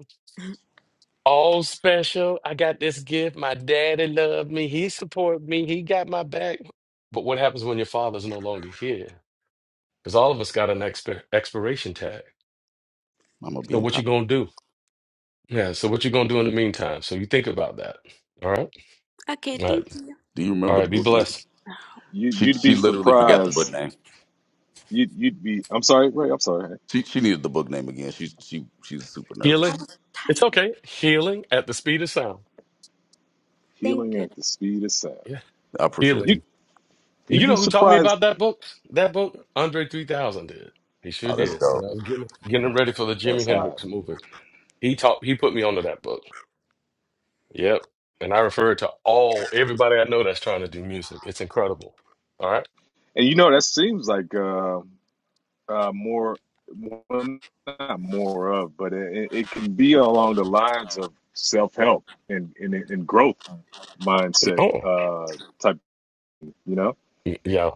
[SPEAKER 5] all special i got this gift my daddy loved me he supported me he got my back but what happens when your father's no longer here because all of us got an expir- expiration tag
[SPEAKER 4] I'm gonna be
[SPEAKER 5] so
[SPEAKER 4] in
[SPEAKER 5] what you
[SPEAKER 4] top.
[SPEAKER 5] gonna do Yeah, so what you gonna do in the meantime? So you think about that. All right.
[SPEAKER 4] Okay.
[SPEAKER 5] All
[SPEAKER 4] Thank
[SPEAKER 5] right.
[SPEAKER 4] you. Do you
[SPEAKER 5] All
[SPEAKER 4] remember the
[SPEAKER 5] right, be
[SPEAKER 4] book name?
[SPEAKER 5] blessed.
[SPEAKER 1] You,
[SPEAKER 4] She
[SPEAKER 1] you'd be
[SPEAKER 4] she literally forgot the book
[SPEAKER 1] surprised.
[SPEAKER 4] name.
[SPEAKER 1] You'd you'd be I'm sorry, Ray, I'm sorry.
[SPEAKER 4] She she needed the book name again. She she she's super nervous. I
[SPEAKER 5] Healing.
[SPEAKER 4] was typing.
[SPEAKER 5] It's okay. Healing at the speed of sound.
[SPEAKER 4] Thank
[SPEAKER 1] Healing
[SPEAKER 4] you.
[SPEAKER 1] at the speed of sound.
[SPEAKER 5] Yeah.
[SPEAKER 4] I appreciate that.
[SPEAKER 5] Healing.
[SPEAKER 1] You
[SPEAKER 5] And
[SPEAKER 1] you'd
[SPEAKER 5] you
[SPEAKER 1] be
[SPEAKER 5] know who taught me
[SPEAKER 1] surprised
[SPEAKER 5] about that book? That book? Andre 3000 did. He sure
[SPEAKER 4] Oh, that's
[SPEAKER 5] did. When
[SPEAKER 4] dope.
[SPEAKER 5] I was getting getting ready for the Jimi
[SPEAKER 1] that's high.
[SPEAKER 5] Hendrix movie. He taught he put me onto that book. Yep. And I refer to all everybody I know that's trying to do music. It's incredible. All right.
[SPEAKER 1] And you know that seems like uh, uh more well, not more of, but it, it can be along the lines of self-help and and, and growth mindset
[SPEAKER 5] Oh.
[SPEAKER 1] uh type, you know?
[SPEAKER 5] Yeah.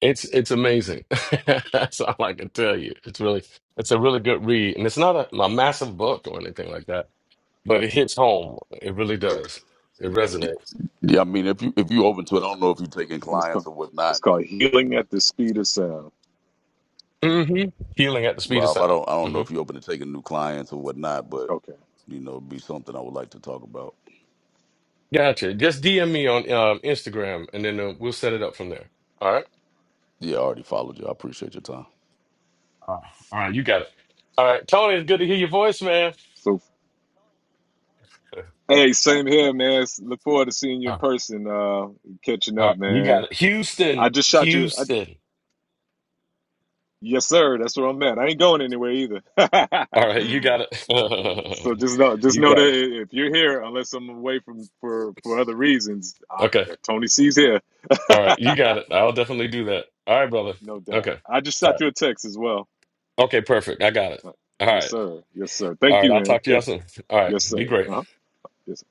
[SPEAKER 5] It's it's amazing. That's all I can tell you. It's really it's a really good read, and it's not a, a massive book or anything like that, but it hits home. It really does. It resonates.
[SPEAKER 4] Yeah, I mean, if you if you open to it, I don't know if you're taking
[SPEAKER 1] And it's
[SPEAKER 4] clients
[SPEAKER 1] called
[SPEAKER 4] or
[SPEAKER 1] it's
[SPEAKER 4] whatnot,
[SPEAKER 1] called healing at the speed of sound.
[SPEAKER 5] hmm Healing at the speed of
[SPEAKER 4] Rob. I
[SPEAKER 5] sound.
[SPEAKER 4] don't I don't know
[SPEAKER 5] hmm
[SPEAKER 4] if you're open to taking new clients or whatnot, but
[SPEAKER 1] Okay.
[SPEAKER 4] you know, it'd be something I would like to talk about.
[SPEAKER 5] Gotcha. Just DM me on um, Instagram, and then uh, we'll set it up from there. All right.
[SPEAKER 4] Yeah, I already followed you. I appreciate your time.
[SPEAKER 5] All right. All right. You got it. All right, Tony. It's good to hear your voice, man.
[SPEAKER 1] So hey, same here, man. Look forward to seeing you in
[SPEAKER 5] All
[SPEAKER 1] person, uh catching
[SPEAKER 5] right.
[SPEAKER 1] up,
[SPEAKER 5] You got
[SPEAKER 1] man.
[SPEAKER 5] it.
[SPEAKER 1] I
[SPEAKER 5] Houston.
[SPEAKER 1] just shot you. I
[SPEAKER 5] Houston.
[SPEAKER 1] Yes, sir. That's where I'm at. I ain't going anywhere either.
[SPEAKER 5] All right. You got it.
[SPEAKER 1] so just know, just
[SPEAKER 5] you
[SPEAKER 1] know that
[SPEAKER 5] got it.
[SPEAKER 1] if you're here, unless I'm away from for for other reasons, uh,
[SPEAKER 5] Okay.
[SPEAKER 1] Tony C's here.
[SPEAKER 5] All right, you got it. I'll definitely do that. All right, brother.
[SPEAKER 1] no doubt.
[SPEAKER 5] Okay.
[SPEAKER 1] I just
[SPEAKER 5] All
[SPEAKER 1] shot
[SPEAKER 5] right.
[SPEAKER 1] you a text as well.
[SPEAKER 5] Okay, perfect. I got it.
[SPEAKER 1] Uh,
[SPEAKER 5] All
[SPEAKER 1] Yes,
[SPEAKER 5] right.
[SPEAKER 1] sir. Yes, sir.
[SPEAKER 5] All
[SPEAKER 1] Thank
[SPEAKER 5] right.
[SPEAKER 1] you,
[SPEAKER 5] I'll
[SPEAKER 1] man.
[SPEAKER 5] talk to y'all
[SPEAKER 1] Thank.
[SPEAKER 5] soon. All right.
[SPEAKER 1] Yes,
[SPEAKER 5] Be
[SPEAKER 1] sir.
[SPEAKER 5] great.
[SPEAKER 1] Uh huh. Yes. Sir.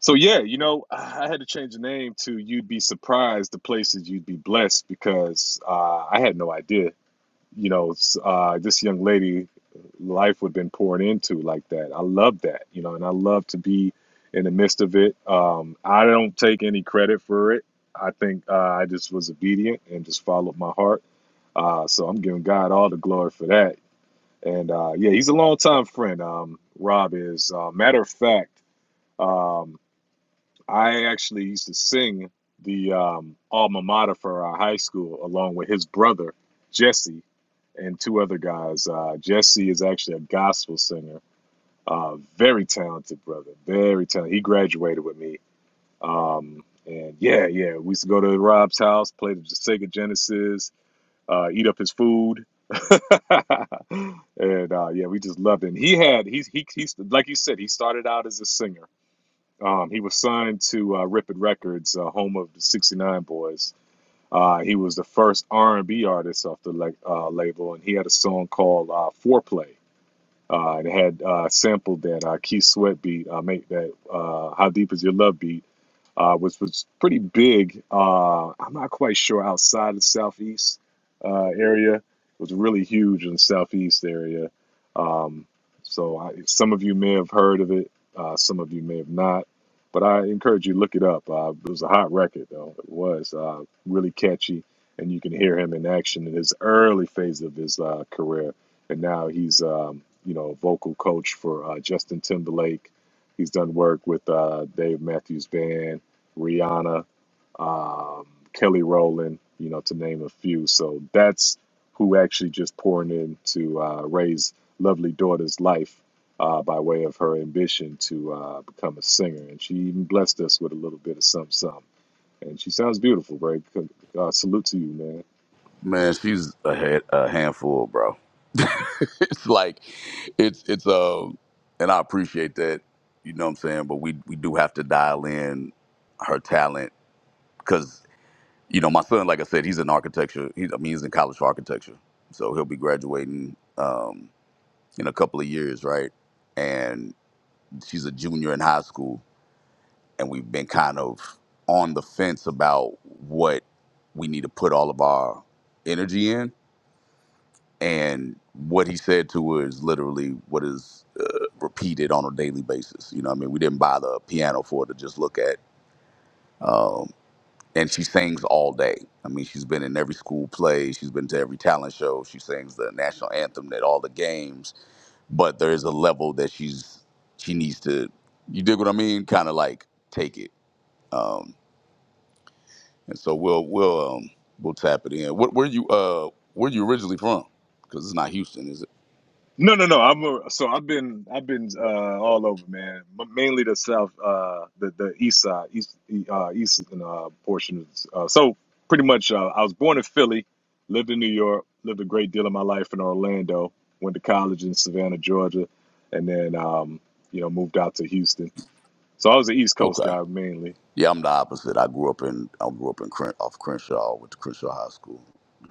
[SPEAKER 1] So yeah, you know, I I had to change the name to "You'd Be Surprised: The Places You'd Be Blessed" because uh, I had no idea you know, uh, this young lady, life would have been poured into like that. I love that, you know, and I love to be in the midst of it. Um, I don't take any credit for it. I think uh, I just was obedient and just followed my heart. Uh, so I'm giving God all the glory for that. And uh, yeah, he's a longtime friend. Um, Rob is. Uh, matter of fact, um, I actually used to sing the um, alma mater for our high school along with his brother, Jesse, and two other guys. Uh, Jesse is actually a gospel singer, uh, very talented brother, very talented. He graduated with me. Um, and yeah, yeah, we used to go to Rob's house, play the Sega Genesis, uh, eat up his food. and uh, yeah, we just loved it. And he had, he, he, he's like you said, he started out as a singer um, he was signed to uh, Ripid Records, uh, home of the '69 Boys. Uh, he was the first R&B artist off the la- uh, label, and he had a song called uh, "Foreplay." Uh, and it had uh, sampled that uh, Keith Sweat beat, uh, make that uh, "How Deep Is Your Love" beat uh, which was pretty big. Uh, I'm not quite sure outside the southeast uh, area. It was really huge in the southeast area. Um, so I, some of you may have heard of it, uh, some of you may have not. But I encourage you to look it up. Uh, it was a hot record, though. It was uh, really catchy, and you can hear him in action in his early phase of his uh, career. And now he's, um, you know, vocal coach for uh, Justin Timberlake. He's done work with uh, Dave Matthews Band Rihanna, um, Kelly Rowland, you know, to name a few. So that's who actually just pouring in to uh, raise lovely daughter's life uh, by way of her ambition to uh, become a singer. And she even blessed us with a little bit of some some. And she sounds beautiful, Greg. Uh, salute to you, man.
[SPEAKER 4] Man, she's a, head, a handful, bro. it's like, it's it's um, and I appreciate that, you know what I'm saying. But we we do have to dial in her talent because you know my son, like I said, he's in architecture. He, I mean, he's in college for architecture, so he'll be graduating um in a couple of years, right? And she's a junior in high school, and we've been kind of on the fence about what we need to put all of our energy in and what he said to her is literally what is uh, repeated on a daily basis. You know, what I mean, we didn't buy the piano for her to just look at. Um, and she sings all day. I mean, she's been in every school play. She's been to every talent show. She sings the national anthem at all the games. But there is a level that she's she needs to. You dig what I mean? Kind of like take it. Um, and so we'll we'll um, we'll tap it in. What, where you uh where you originally from? Because it's not Houston, is it?
[SPEAKER 1] No, no, no. I'm a, so I've been I've been uh, all over, man. M- mainly the south, uh, the the east side, east e- uh, eastern uh, portion. Uh, so pretty much, uh, I was born in Philly, lived in New York, lived a great deal of my life in Orlando. Went to college in Savannah, Georgia, and then um, you know moved out to Houston. So I was an East Coast
[SPEAKER 4] Okay.
[SPEAKER 1] guy mainly.
[SPEAKER 4] Yeah, I'm the opposite. I grew up in I grew up in Cren- off Crenshaw with the Crenshaw High School.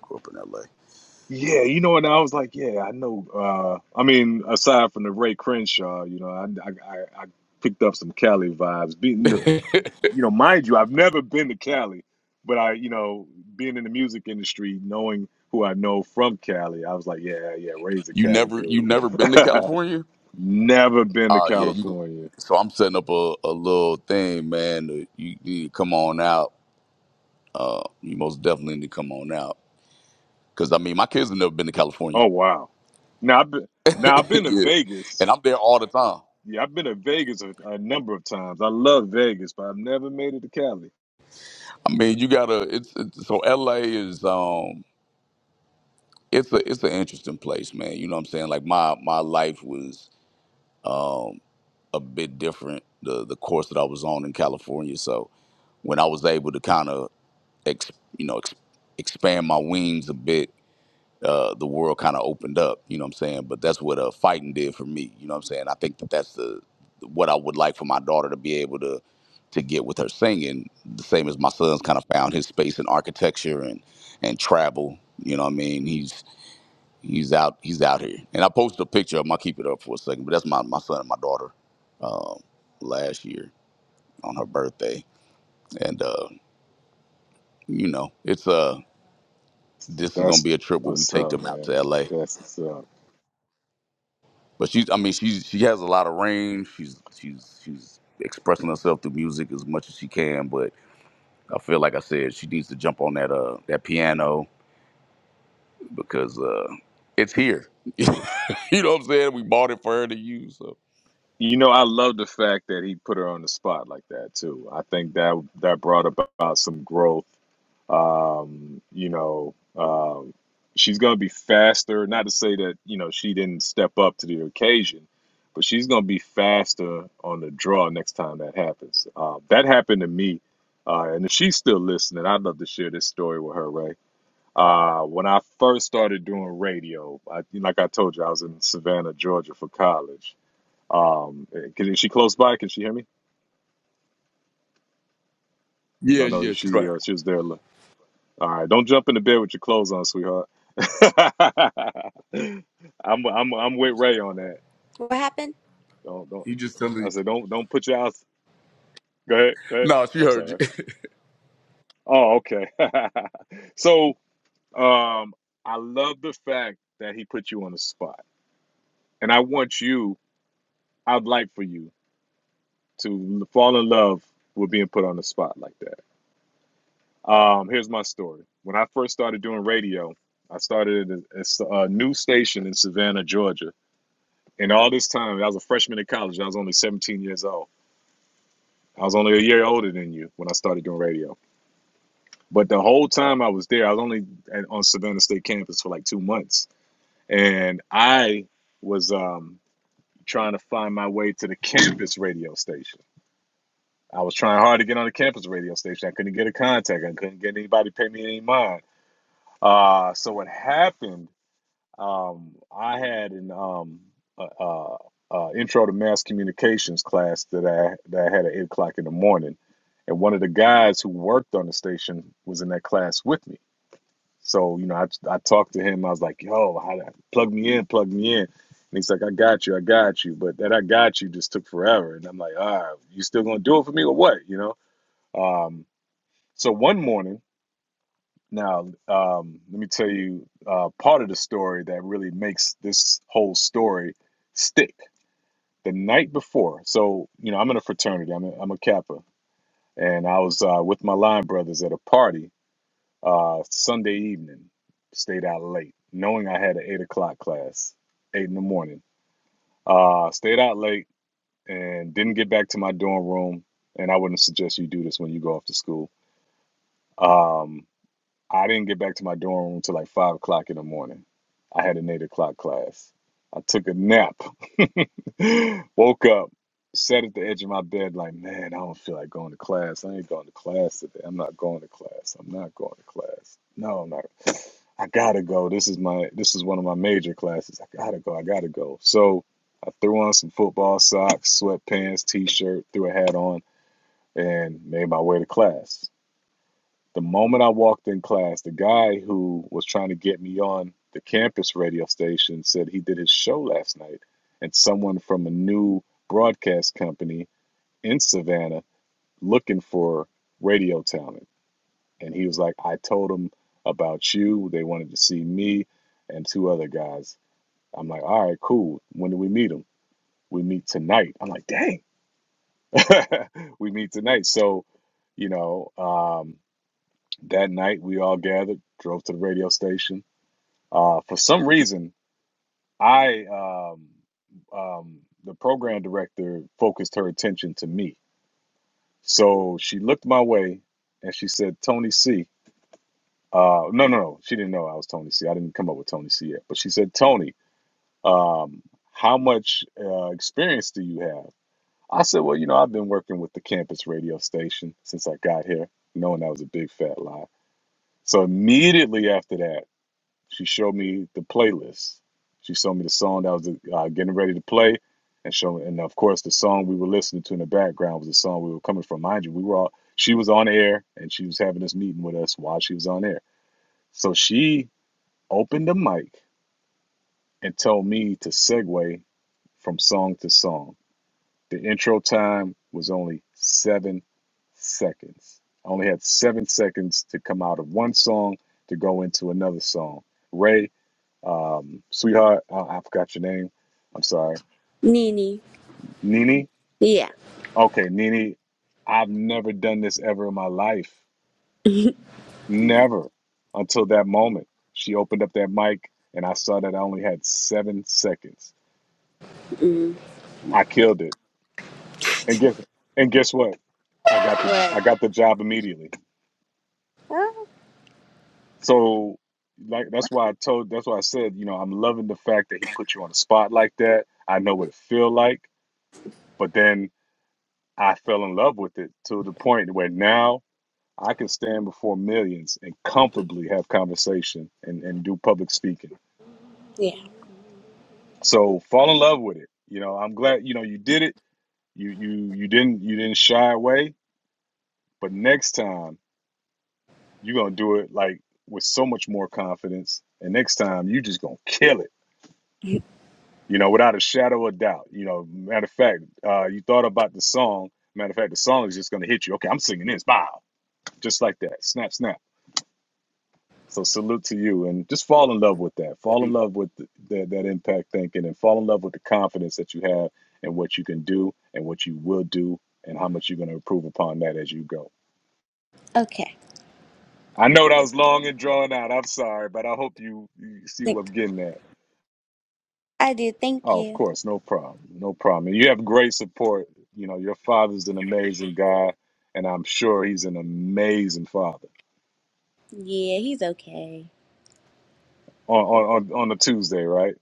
[SPEAKER 4] Grew up in
[SPEAKER 1] Yeah, you know, and I was like, yeah, I know. Uh, I mean, aside from the Ray Crenshaw, you know, I I, I I picked up some Cali vibes. Be,
[SPEAKER 4] L.A.
[SPEAKER 1] you know, mind you, I've never been to Cali, but I, you know, being in the music industry, knowing who I know from Cali, I was like, yeah, yeah, raise a
[SPEAKER 4] You
[SPEAKER 1] Cali
[SPEAKER 4] never you
[SPEAKER 1] dude.
[SPEAKER 4] never been to California?
[SPEAKER 1] never been to
[SPEAKER 4] Oh yeah, you. gon-
[SPEAKER 1] California.
[SPEAKER 4] So I'm setting up a, a little thing, man. that You, you need to come on out. Uh, you most definitely need to come on out. Cause I mean, my kids have never been to California.
[SPEAKER 1] Oh wow. Now I've been, now I've been to
[SPEAKER 4] yeah,
[SPEAKER 1] Vegas.
[SPEAKER 4] and I'm there all the time.
[SPEAKER 1] Yeah, I've been to Vegas a, a number of times. I love Vegas, but I've never made it to Cali.
[SPEAKER 4] I mean, you gotta. It's, it's so LA is um, it's a it's an interesting place, man. You know what I'm saying? Like my my life was. um. a bit different the the course that I was on in California. So when I was able to kind of ex, you know ex, expand my wings a bit, uh, the world kind of opened up. You know what I'm saying? But that's what uh, fighting did for me. You know what I'm saying? I think that that's the what I would like for my daughter to be able to to get with her singing. The same as my son's kind of found his space in architecture and and travel. You know what I mean? He's He's out. He's out here. And I posted a picture of him. I'll keep it up for a second. But that's my, my son and my daughter um, last year on her birthday. And, uh, you know, it's uh, this is going to
[SPEAKER 1] That's
[SPEAKER 4] be a trip where we
[SPEAKER 1] what's
[SPEAKER 4] take
[SPEAKER 1] up,
[SPEAKER 4] them out to
[SPEAKER 1] man.
[SPEAKER 4] L.A.
[SPEAKER 1] That's what's up.
[SPEAKER 4] But she's I mean, she's, she has a lot of range. She's she's she's expressing herself through music as much as she can. But I feel like I said, she needs to jump on that uh, that piano because uh, it's here. you know what I'm saying? We bought it for her to use. So.
[SPEAKER 1] You know, I love the fact that he put her on the spot like that too. I think that that brought about some growth Um, you know, um, she's going to be faster. Not to say that, you know, she didn't step up to the occasion, but she's going to be faster on the draw next time that happens. Uh, that happened to me. Uh, and if she's still listening, I'd love to share this story with her, Ray. Uh, when I first started doing radio, I, like I told you, I was in Savannah, Georgia for college. Um, can, is she close by? Can she hear me? Because
[SPEAKER 4] Yeah,
[SPEAKER 1] I know
[SPEAKER 4] yeah, she's
[SPEAKER 1] she
[SPEAKER 4] right.
[SPEAKER 1] uh, she was there. All right, don't jump in the bed with your clothes on, sweetheart. I'm I'm I'm with Ray on that.
[SPEAKER 4] What happened?
[SPEAKER 1] Don't don't.
[SPEAKER 4] You just tell
[SPEAKER 1] I
[SPEAKER 4] me
[SPEAKER 1] said don't don't put your house. Go ahead, go ahead.
[SPEAKER 4] No, she
[SPEAKER 1] I'm
[SPEAKER 4] heard
[SPEAKER 1] sorry.
[SPEAKER 4] you.
[SPEAKER 1] Oh, okay. so um, I love the fact that he put you on the spot, and I want you. I'd like for you to fall in love with being put on the spot like that. Um, here's my story. When I first started doing radio, I started at a, a s- a news station in Savannah, Georgia And all this time, I was a freshman in college. I was only 17 years old. I was only a year older than you when I started doing radio. But the whole time I was there, I was only at, on Savannah State campus for like two months. And I was um, trying to find my way to the campus radio station. I was trying hard to get on the campus radio station. I couldn't get a contact. I couldn't get anybody to pay me any mind. Uh, so what happened Um, I had an um, uh, uh, uh, intro to mass communications class that I that I had at eight o'clock in the morning, and one of the guys who worked on the station was in that class with me. So you know, I I talked to him. I was like, "Yo, how, plug me in, plug me in." And he's like, "I got you, I got you." But that "I got you" just took forever, and I'm like, "Ah, you still gonna do it for me or what?" You know. Um, so one morning. Now, um, let me tell you uh, part of the story that really makes this whole story stick. The night before, so you know, I'm in a fraternity. I'm a, I'm a Kappa, and I was uh, with my line brothers at a party uh, Sunday evening. Stayed out late, knowing I had an eight o'clock class, eight in the morning. Uh, stayed out late and didn't get back to my dorm room. And I wouldn't suggest you do this when you go off to school. Um, I didn't get back to my dorm room till like five o'clock in the morning. I had an eight o'clock class. I took a nap, woke up, sat at the edge of my bed, like, man, I don't feel like going to class. I ain't going to class today. I'm not going to class. I'm not going to class. No, I'm not. I gotta go. This is my this is one of my major classes. I gotta go. I gotta go. So I threw on some football socks, sweatpants, t-shirt, threw a hat on, and made my way to class. The moment I walked in class, the guy who was trying to get me on the campus radio station said he did his show last night, and someone from a new broadcast company in Savannah looking for radio talent. And he was like, I told him about you. They wanted to see me and two other guys. I'm like, all right, cool. When do we meet them? We meet tonight. I'm like, dang, we meet tonight. So, you know, um, That night, we all gathered, drove to the radio station. Uh, for some reason, I um, um, the program director focused her attention to me. So she looked my way and she said, Tony C. Uh, no, no, no. She didn't know I was Tony C. I didn't come up with Tony C yet. But she said, Tony, um, how much uh, experience do you have? I said, well, you know, I've been working with the campus radio station since I got here, knowing that was a big fat lie. So immediately after that, She showed me the playlist. She showed me the song that was uh, getting ready to play, and show and of course the song we were listening to in the background was the song we were coming from. Mind you, we were all she was on air and she was having this meeting with us while she was on air. So she opened the mic and told me to segue from song to song. The intro time was only seven seconds. I only had seven seconds to come out of one song to go into another song. Ray, um, sweetheart. Uh, I forgot your name. I'm sorry,
[SPEAKER 4] Nini.
[SPEAKER 1] Nini.
[SPEAKER 4] Yeah.
[SPEAKER 1] Okay, Nini. I've never done this ever in my life, never until that moment. She opened up that mic, and I saw that I only had seven seconds.
[SPEAKER 4] Mm.
[SPEAKER 1] I killed it, and guess and guess what? I got the
[SPEAKER 4] Right.
[SPEAKER 1] I got the job immediately. So, like that's why I told that's why I said you know I'm loving the fact that he put you on the spot like that. I know what it feel like, but then I fell in love with it to the point where now I can stand before millions and comfortably have conversation and, and do public speaking.
[SPEAKER 4] Yeah.
[SPEAKER 1] So fall in love with it. You know, I'm glad, you know, you did it. You you you didn't you didn't shy away, but next time you're gonna do it like with so much more confidence. And next time you just gonna kill it, you know, without a shadow of doubt. You know, matter of fact, uh, you thought about the song. Matter of fact, the song is just gonna hit you. Okay, I'm singing this, bow, just like that. Snap, snap So salute to you, and just fall in love with that. Fall in
[SPEAKER 4] Dang, bro.
[SPEAKER 1] love with th- that that impact thinking, and fall in love with the confidence that you have in what you can do and what you will do, and how much you're going to improve upon that as you go.
[SPEAKER 4] Okay.
[SPEAKER 1] I know that was long and drawn out. I'm sorry, but I hope you, you see what
[SPEAKER 4] Thank-
[SPEAKER 1] I'm getting at.
[SPEAKER 4] I did. Thank
[SPEAKER 1] Oh, of
[SPEAKER 4] you.
[SPEAKER 1] course, no problem, no problem. And you have great support. You know, your father's an amazing guy, and I'm sure he's an amazing father.
[SPEAKER 4] Yeah, he's okay.
[SPEAKER 1] On on on, on a Tuesday, right?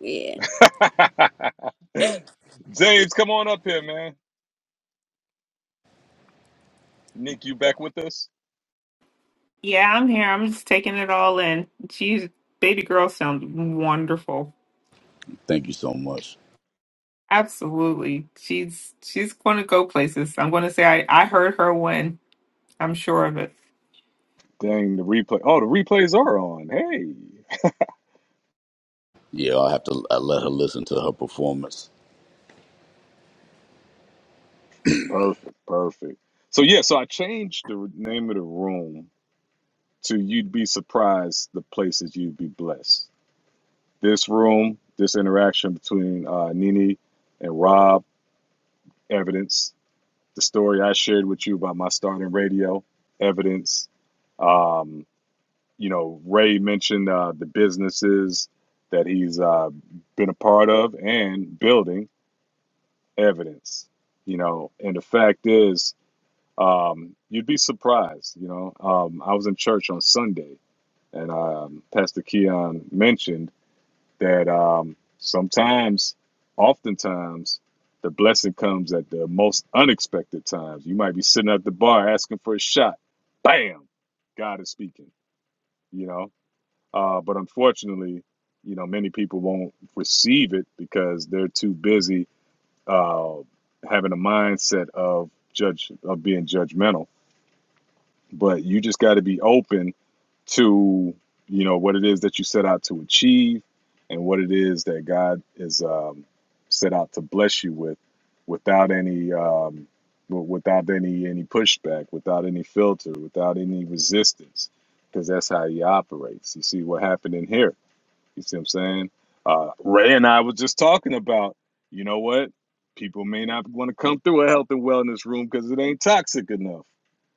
[SPEAKER 4] Yeah.
[SPEAKER 1] James, come on up here, man. Nick, you back with us?
[SPEAKER 2] Yeah, I'm here. I'm just taking it all in. She's baby girl sounds wonderful.
[SPEAKER 4] Thank you so much.
[SPEAKER 2] Absolutely. She's she's gonna go places. I'm gonna say I, I heard her win. I'm sure of it.
[SPEAKER 1] Dang, the replay. Oh, the replays are on. Hey,
[SPEAKER 4] Yeah, I'll have to I let her listen to her performance.
[SPEAKER 1] perfect, perfect. So yeah, so I changed the name of the room to "You'd Be Surprised the Places You'd Be Blessed." This room, this interaction between uh, Nini and Rob, evidence. The story I shared with you about my start in radio, evidence. Um, you know, Ray mentioned uh, the businesses that he's uh, been a part of and building evidence, you know. And the fact is, um, you'd be surprised, you know. Um, I was in church on Sunday, and um, Pastor Keon mentioned that um, sometimes, oftentimes, the blessing comes at the most unexpected times. You might be sitting at the bar asking for a shot, bam, God is speaking, you know. Uh, but unfortunately, you know, many people won't receive it because they're too busy uh, having a mindset of judge of being judgmental, but you just got to be open to you know what it is that you set out to achieve and what it is that God is um, set out to bless you with, without any um, without any any pushback, without any filter, without any resistance, because that's how He operates. You see what happened in here you see what I'm saying? Uh, Ray and I was just talking about, you know what? People may not want to come through a health and wellness room because it ain't toxic enough.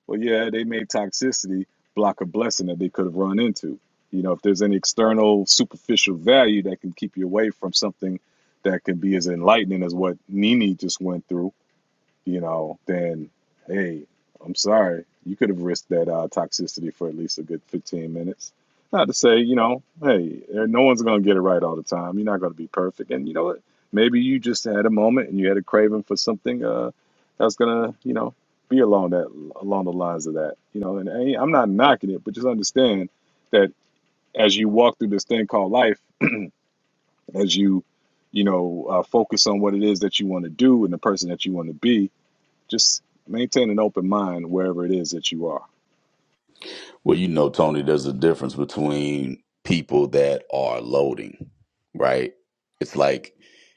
[SPEAKER 1] Well, yeah, they made toxicity block a blessing that they could have run into. You know, if there's any external superficial value that can keep you away from something that can be as enlightening as what Nini just went through, you know, then hey, I'm sorry. You could have risked that uh, toxicity for at least a good 15 minutes. Not to say, you know, hey, eh, no one's going to get it right all the time. You're not going to be perfect. And you know what? Maybe you just had a moment and you had a craving for something uh, that's going to, you know, be along that along the lines of that. You know, and hey, I'm not knocking it, but just understand that as you walk through this thing called life, as you, you know, uh, focus on what it is that you want to do and the person that you want to be, just maintain an open mind wherever it is that you are.
[SPEAKER 4] Well, you know, Tony, there's a difference between people that are loading, right? It's like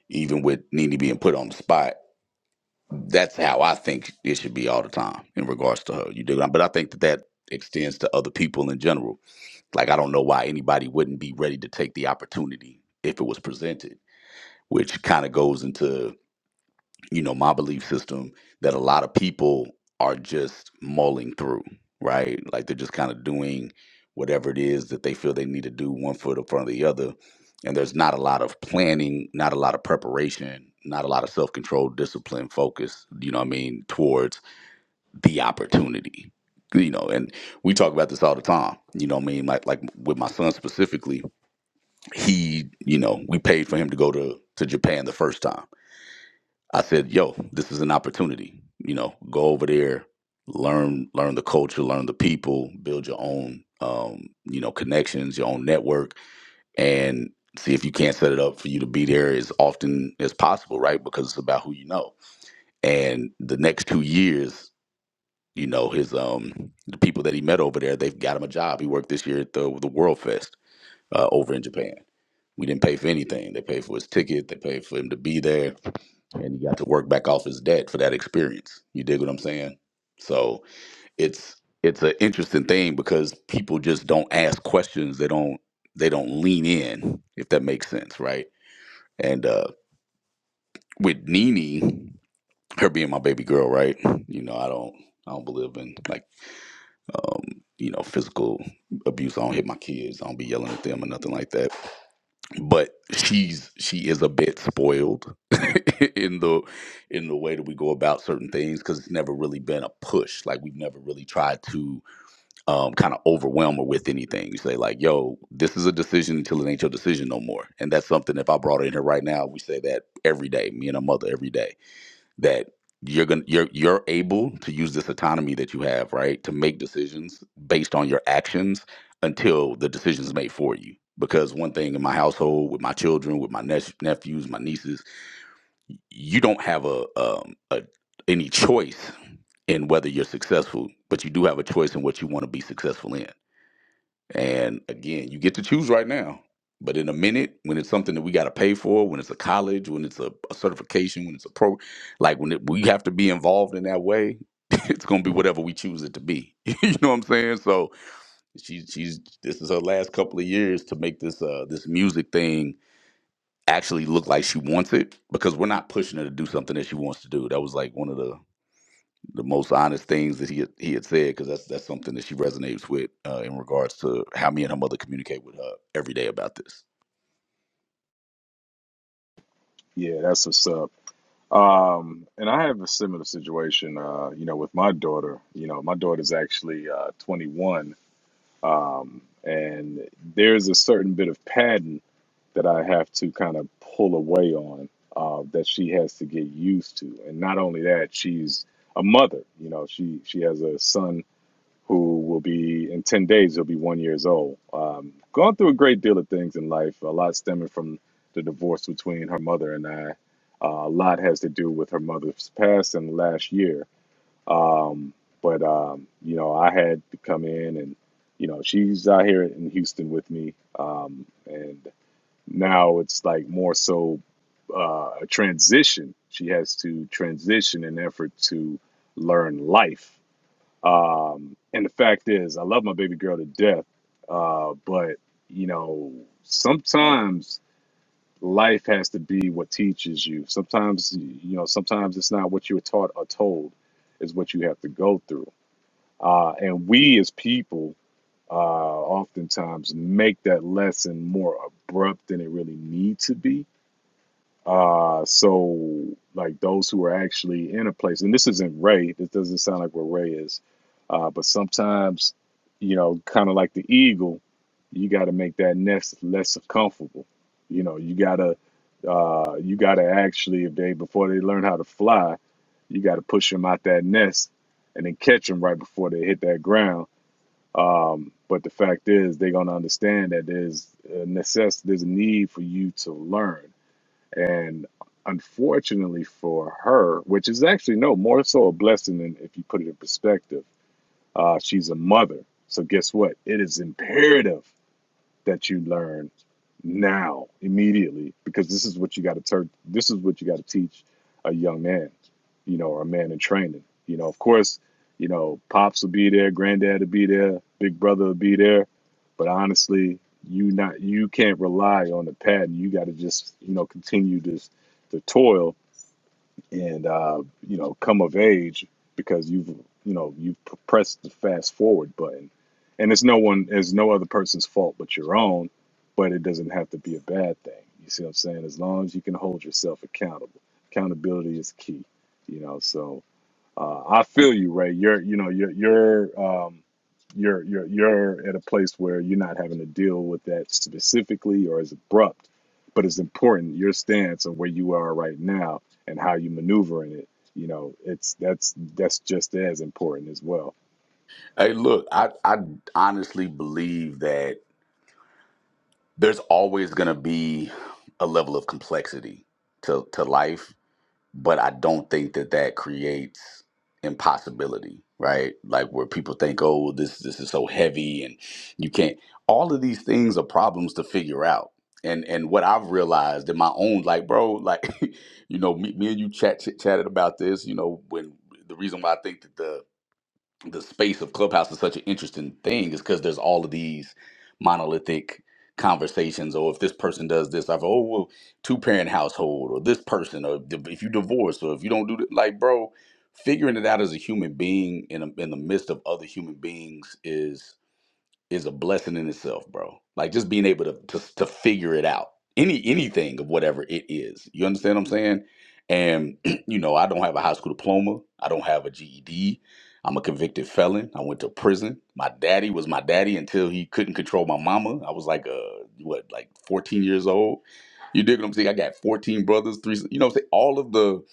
[SPEAKER 4] even with Nene being put on the spot, that's how I think it should be all the time in regards to her. You do, But I think that that extends to other people in general. Like I don't know why anybody wouldn't be ready to take the opportunity if it was presented, which kind of goes into, you know, my belief system that a lot of people are just mulling through, right? Like they're just kind of doing whatever it is that they feel they need to do one foot in front of the other. And there's not a lot of planning, not a lot of preparation, not a lot of self-control, discipline, focus, you know what I mean, towards the opportunity. You know, and we talk about this all the time. You know what I mean? Like like with my son specifically, he, you know, we paid for him to go to to Japan the first time. I said, "Yo, this is an opportunity. You know, go over there, learn learn the culture, learn the people, build your own, um, you know, connections, your own network, and see if you can't set it up for you to be there as often as possible, right? Because it's about who you know. And the next two years." You know his um the people that he met over there. They've got him a job. He worked this year at the the World Fest uh, over in Japan we didn't pay for anything. They paid for his ticket. They paid for him to be there, and he got to work back off his debt for that experience. You dig what I'm saying? So it's it's an interesting thing because people just don't ask questions. They don't they don't lean in if that makes sense, right? And uh, with Nene, her being my baby girl, right? You know, I don't I don't believe in like um, you know physical abuse. I don't hit my kids. I don't be yelling at them or nothing like that. but she's she is a bit spoiled in the in the way that we go about certain things because it's never really been a push like we've never really tried to um, kind of overwhelm her with anything you say like yo this is a decision until it ain't your decision no more and that's something if i brought her in here right now we say that every day me and her mother every day that you're going to you're you're able to use this autonomy that you have, right, to make decisions based on your actions until the decision's made for you. Because one thing in my household, with my children, with my nep- nephews, my nieces, you don't have a, um, a any choice in whether you're successful, but you do have a choice in what you want to be successful in. And again, you get to choose right now. But in a minute, when it's something that we got to pay for, when it's a college, when it's a, a certification, when it's a pro, like when it, we have to be involved in that way, it's gonna be whatever we choose it to be. you know what I'm saying? So she, she's this is her last couple of years to make this uh, this music thing actually look like she wants it because we're not pushing her to do something that she wants to do. That was like one of the the most honest things that he had, he had said because that's that's something that she resonates with uh, in regards to how me and her mother communicate with her every day about this.
[SPEAKER 1] Yeah, that's what's up. Um, and I have a similar situation, uh, you know, with my daughter. You know, my daughter's actually uh, 21, um, and there's a certain bit of pattern that I have to kind of pull away on uh, that she has to get used to. And not only that, she's a mother. You know, she she has a son who will be in 10 days he'll be one years old um, gone through a great deal of things in life a lot stemming from the divorce between her mother and i uh, a lot has to do with her mother's passing last year um, but um, you know i had to come in and you know she's out here in houston with me um, and now it's like more so uh, a transition she has to transition in an effort to learn life um, and the fact is, I love my baby girl to death, uh, but you know, sometimes life has to be what teaches you. Sometimes, you know, sometimes it's not what you were taught or told, is what you have to go through. Uh, and we as people uh, oftentimes make that lesson more abrupt than it really need to be uh, so like those who are actually in a place, and this isn't Ray, this doesn't sound like what Ray is, uh, but sometimes, you know, kind of like the eagle, you got to make that nest less comfortable. You know, you gotta, uh, you gotta actually, if they before they learn how to fly, you got to push them out that nest and then catch them right before they hit that ground. Um, but the fact is, they're gonna understand that there's a necess- there's a need for you to learn and unfortunately for her, which is actually no more so a blessing than if you put it in perspective, uh, she's a mother. So guess what? It is imperative that you learn now immediately because this is what you got to tur- this is what you got to teach a young man you know or a man in training you know of course you know pops will be there granddad will be there big brother will be there but honestly you not you can't rely on the pattern you got to just you know continue this the toil and uh, you know come of age because you've you know you've p- pressed the fast forward button and it's no one it's no other person's fault but your own but it doesn't have to be a bad thing you see what i'm saying as long as you can hold yourself accountable accountability is key you know so uh, I feel you, Ray. You're, you know, you're, you're, um, you're, you're, you're at a place where you're not having to deal with that specifically or as abrupt, but it's important your stance and where you are right now and how you maneuver in it. You know, it's that's that's just as important as well.
[SPEAKER 4] Hey, look, I I honestly believe that there's always gonna be a level of complexity to to life but I don't think that that creates impossibility, right? Like where people think, "Oh, well, this this is so heavy and you can't." All of these things are problems to figure out. And and what I've realized in my own like, bro, like you know, me, me and you chat, chit chatted about this, you know, when the reason why I think that the the space of Clubhouse is such an interesting thing is because there's all of these monolithic conversations. Or if this person does this, I've oh well, two parent household, or this person, or di- if you divorce, or if you don't do that, like bro, figuring it out as a human being in a, in the midst of other human beings is a blessing in itself, bro. Like just being able to to, to figure it out, any anything of whatever it is. You understand what I'm saying? And you know, I don't have a high school diploma. I don't have a GED. I'm a convicted felon. I went to prison. My daddy was my daddy until he couldn't control my mama. I was like, uh, what, like 14 years old. You dig what I'm saying? I got 14 brothers, three. You know, what I'm saying all of the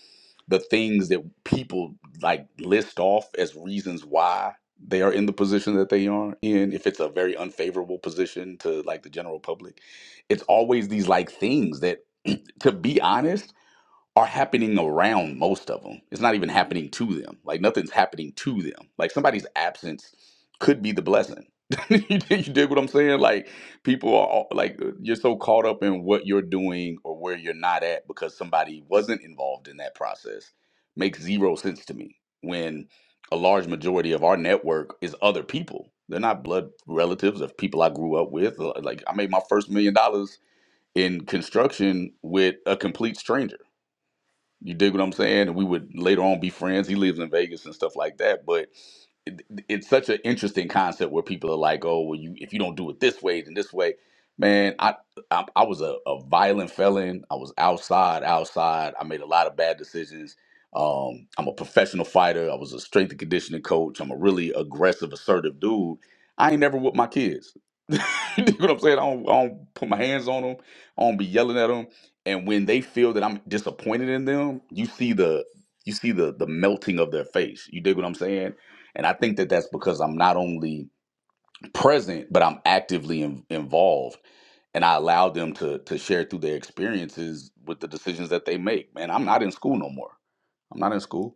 [SPEAKER 4] the things that people like list off as reasons why they are in the position that they are in if it's a very unfavorable position to like the general public it's always these like things that to be honest are happening around most of them. It's not even happening to them. Like nothing's happening to them. Like somebody's absence could be the blessing. you, dig- you dig what I'm saying? Like people are all- like uh, you're so caught up in what you're doing or where you're not at because somebody wasn't involved in that process makes zero sense to me. When a large majority of our network is other people. They're not blood relatives of people I grew up with. Like I made my first million dollars in construction with a complete stranger you dig what I'm saying? And we would later on be friends. He lives in Vegas and stuff like that. But it, it's such an interesting concept where people are like, "Oh, well, you if you don't do it this way, then this way." Man, I I, I was a, a violent felon. I was outside, outside. I made a lot of bad decisions. Um, I'm a professional fighter. I was a strength and conditioning coach. I'm a really aggressive, assertive dude. I ain't never with my kids. you know what I'm saying? I don't, I don't put my hands on them. I don't be yelling at them and when they feel that I'm disappointed in them, you see the you see the the melting of their face. You dig what I'm saying? And I think that that's because I'm not only present, but I'm actively in, involved, and I allow them to to share through their experiences with the decisions that they make. Man, I'm not in school no more. I'm not in school.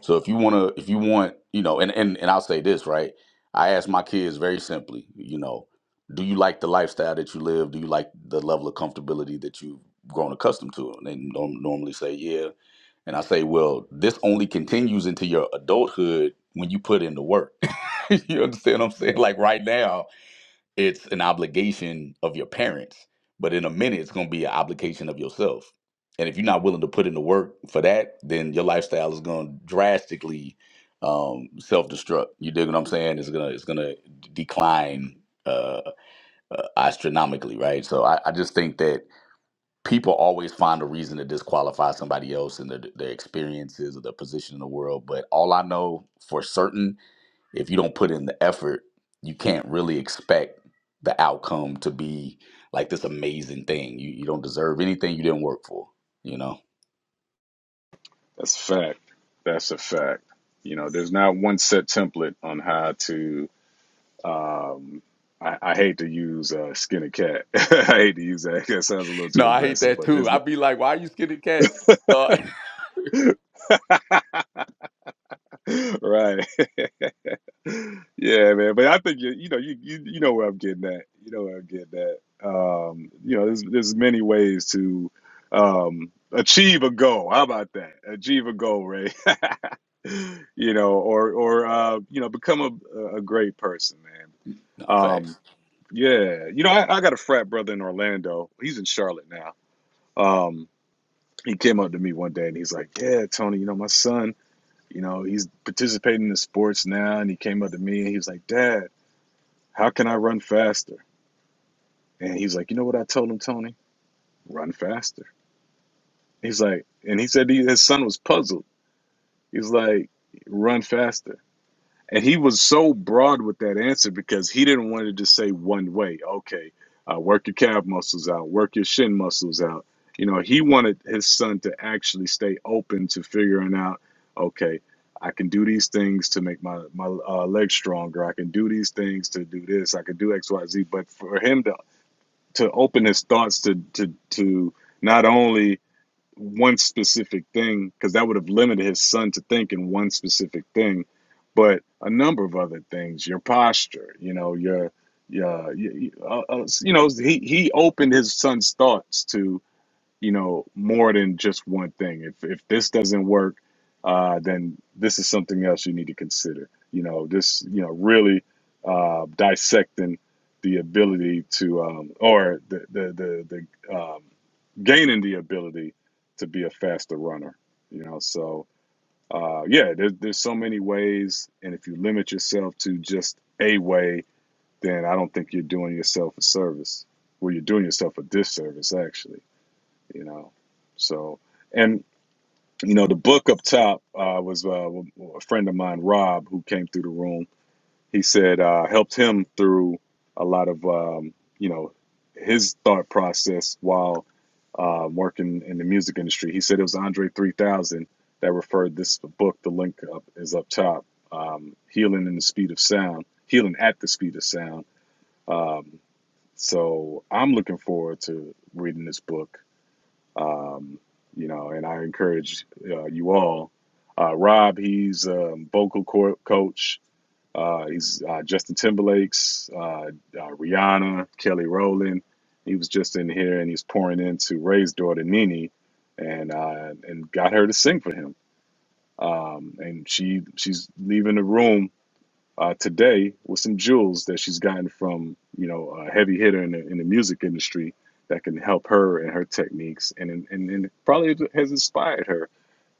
[SPEAKER 4] So if you want to, if you want, you know, and, and and I'll say this right. I ask my kids very simply, you know, do you like the lifestyle that you live? Do you like the level of comfortability that you've grown accustomed to? And they norm- normally say, yeah. And I say, well, this only continues into your adulthood when you put in the work. you understand what I'm saying? Like right now, it's an obligation of your parents, but in a minute, it's going to be an obligation of yourself. And if you're not willing to put in the work for that, then your lifestyle is going to drastically um, self-destruct. You dig what I'm saying? It's gonna it's gonna decline uh, uh, astronomically, right? So I, I just think that people always find a reason to disqualify somebody else and their, their experiences or their position in the world. But all I know for certain if you don't put in the effort, you can't really expect the outcome to be like this amazing thing. You you don't deserve anything you didn't work for, you know?
[SPEAKER 1] That's a fact. That's a fact. You know, there's not one set template on how to. Um, I, I hate to use uh, skin a cat. I hate to use that. That sounds a little too
[SPEAKER 4] No, I hate
[SPEAKER 1] aggressive,
[SPEAKER 4] that
[SPEAKER 1] but there's
[SPEAKER 4] too.
[SPEAKER 1] not.
[SPEAKER 4] I'd be like, why are you skinny cats? No.
[SPEAKER 1] Right. Yeah, man. But I think you you know you you, you know where I'm getting at. You know where I'm getting at. Um, you know, there's there's many ways to um achieve a goal. How about that? Achieve a goal, Ray. You know, or or uh, you know, become a a great person,
[SPEAKER 4] No
[SPEAKER 1] man. Um,
[SPEAKER 4] facts.
[SPEAKER 1] yeah. You know, I, I got a frat brother in Orlando. He's in Charlotte now. Um, he came up to me one day and he's like, "Yeah, Tony, you know, my son." you know, he's participating in sports now. And he came up to me and he was like, Dad, how can I run faster? And he's like, You know what I told him, Tony? Run faster. He's like, and he said he, his son was puzzled. He's like, Run faster. And he was so broad with that answer because he didn't want to just say one way. Okay, uh, work your calf muscles out, work your shin muscles out. You know, he wanted his son to actually stay open to figuring out, okay, I can do these things to make my my uh, legs stronger. I can do these things to do this. I can do X, Y, Z. But for him to to open his thoughts to to to not only one specific thing because that would have limited his son to thinking one specific thing but a number of other things your posture you know your your you, uh, uh, you know he he opened his son's thoughts to you know more than just one thing if if this doesn't work uh then this is something else you need to consider you know this you know really uh dissecting the ability to um or the the the, the um gaining the ability to be a faster runner you know so uh yeah There's there's so many ways and if you limit yourself to just a way then i don't think you're doing yourself a service well you're doing yourself a disservice actually you know. So, and you know, the book up top uh, was uh, a friend of mine, Rob, who came through the room. He said uh, helped him through a lot of um, you know his thought process while uh, working in the music industry. He said it was Andre 3000 that referred this book. The link up is up top. Um, healing in the speed of sound, healing at the speed of sound. Um, so I'm looking forward to reading this book um, you know, and I encourage uh, you all. Uh, Rob, he's a vocal co- coach. Uh, he's uh, Justin Timberlake's, uh, uh, Rihanna, Kelly Rowland. He was just in here and he's pouring into Ray's daughter Nene, and uh, and got her to sing for him. Um, and she she's leaving the room uh, today with some jewels that she's gotten from you know a heavy hitter in the, in the music industry that can help her and her techniques and and, and probably has inspired her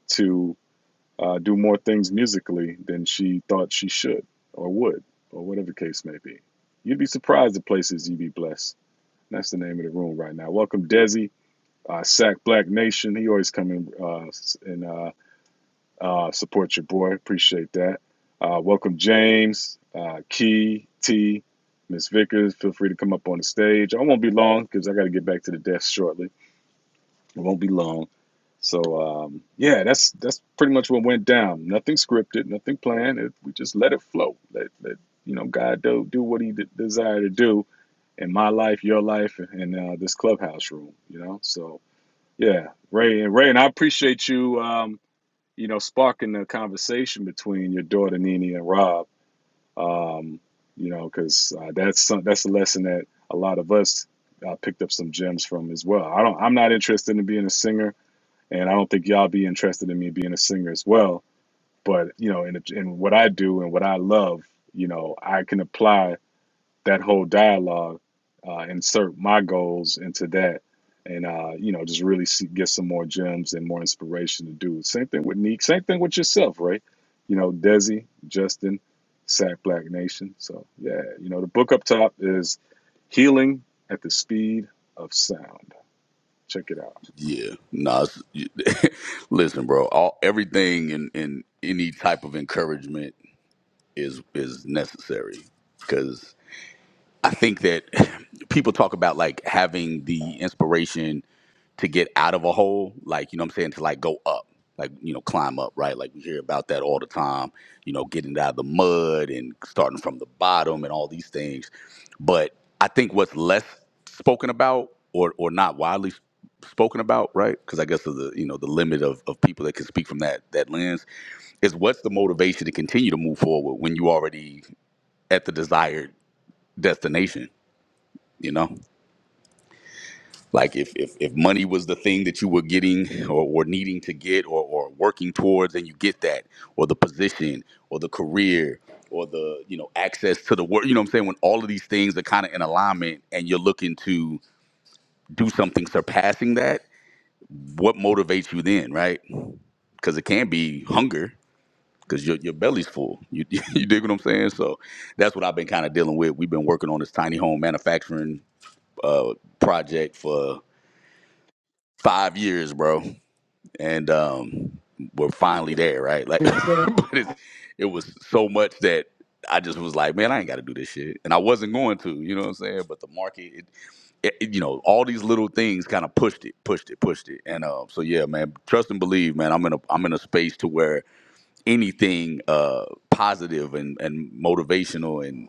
[SPEAKER 1] to uh, do more things musically than she thought she should or would or whatever the case may be. You'd be surprised the places you'd be blessed. And that's the name of the room right now. Welcome Desi, uh, Sack Black Nation. He always come in uh, and uh, uh, support your boy. Appreciate that. Uh, welcome, James, uh, Key, T, Miss Vickers. Feel free to come up on the stage. I won't be long because I got to get back to the desk shortly. It won't be long. So um, yeah, that's that's pretty much what went down. Nothing scripted, nothing planned. It, we just let it flow. Let, let you know, God do do what He de- desire to do in my life, your life, and uh, this clubhouse room. You know, so yeah, Ray and Ray and I appreciate you. Um, you know, sparking the conversation between your daughter Nene and Rob. Um, you know, because uh, that's some, that's a lesson that a lot of us uh, picked up some gems from as well. I don't, I'm not interested in being a singer, and I don't think y'all be interested in me being a singer as well. But you know, in, in what I do and what I love, you know, I can apply that whole dialogue, uh, insert my goals into that, and uh, you know, just really see, get some more gems and more inspiration to do. Same thing with Neek. Same thing with yourself, right? You know, Desi, Justin, Sack Black Nation. So yeah, you know, the book up top is Healing at the Speed of Sound. Check it out.
[SPEAKER 4] Yeah. No. it's- you- Listen, bro. All everything and and any type of encouragement is is necessary because I think that people talk about like having the inspiration to get out of a hole, like you know what I'm saying, to like go up, like you know, climb up, right? Like we hear about that all the time, you know, getting out of the mud and starting from the bottom and all these things. But I think what's less spoken about or or not widely spoken about, right? Because I guess of the you know the limit of, of people that can speak from that that lens is what's the motivation to continue to move forward when you already at the desired destination, you know? like if, if if money was the thing that you were getting or, or needing to get or, or working towards and you get that or the position or the career or the you know access to the work you know what i'm saying when all of these things are kind of in alignment and you're looking to do something surpassing that what motivates you then right because it can be hunger because your, your belly's full you, you dig what i'm saying so that's what i've been kind of dealing with we've been working on this tiny home manufacturing uh, project for five years bro and um, we're finally there, right? Like, but it's it was so much that I just was like, man, I ain't got to do this shit, and I wasn't going to, you know what I'm saying? But the market, it, it, it- you know, all these little things kind of pushed it, pushed it, pushed it, and um, so yeah, man, trust and believe, man. I'm in a I'm in a space to where anything uh positive and and motivational and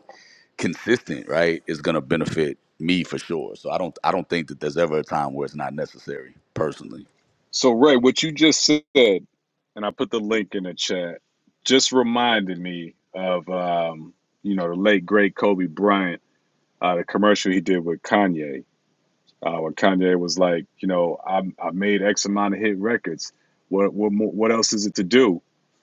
[SPEAKER 4] consistent, right, is gonna benefit me for sure. So I don't I don't think that there's ever a time where it's not necessary, personally.
[SPEAKER 1] So Ray, what you just said, and I put the link in the chat, just reminded me of um, you know the late great Kobe Bryant uh, the commercial he did with Kanye uh, where Kanye was like, you know, I I made X amount of hit records. What what mo- what else is it to do?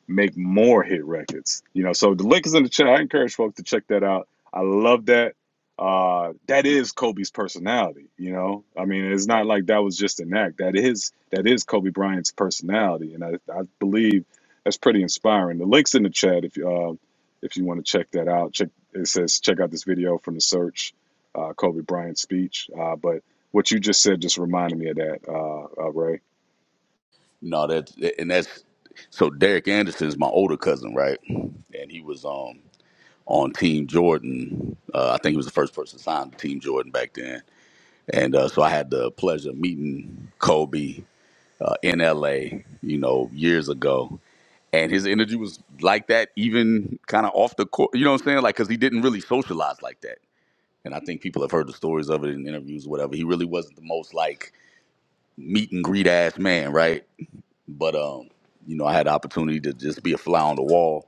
[SPEAKER 1] Make more hit records. You know, so the link is in the chat. I encourage folks to check that out. I love that. Uh, that is Kobe's personality. You know, I mean, it's not like that was just an act. That is that is Kobe Bryant's personality, and I, I believe that's pretty inspiring. The link's in the chat if you uh, if you want to check that out. Check it says check out this video from the search, uh, Kobe Bryant speech. Uh, but what you just said just reminded me of that, uh, uh, Ray.
[SPEAKER 4] No, that and that's so Derek Anderson's my older cousin, right? And he was um on Team Jordan. Uh, I think he was the first person signed to Team Jordan back then. And uh, so I had the pleasure of meeting Kobe uh, in LA, you know, years ago. And his energy was like that, even kind of off the court. You know what I'm saying? Like, because he didn't really socialize like that. And I think people have heard the stories of it in interviews, or whatever. He really wasn't the most like meet and greet ass man, right? But um, you know, I had the opportunity to just be a fly on the wall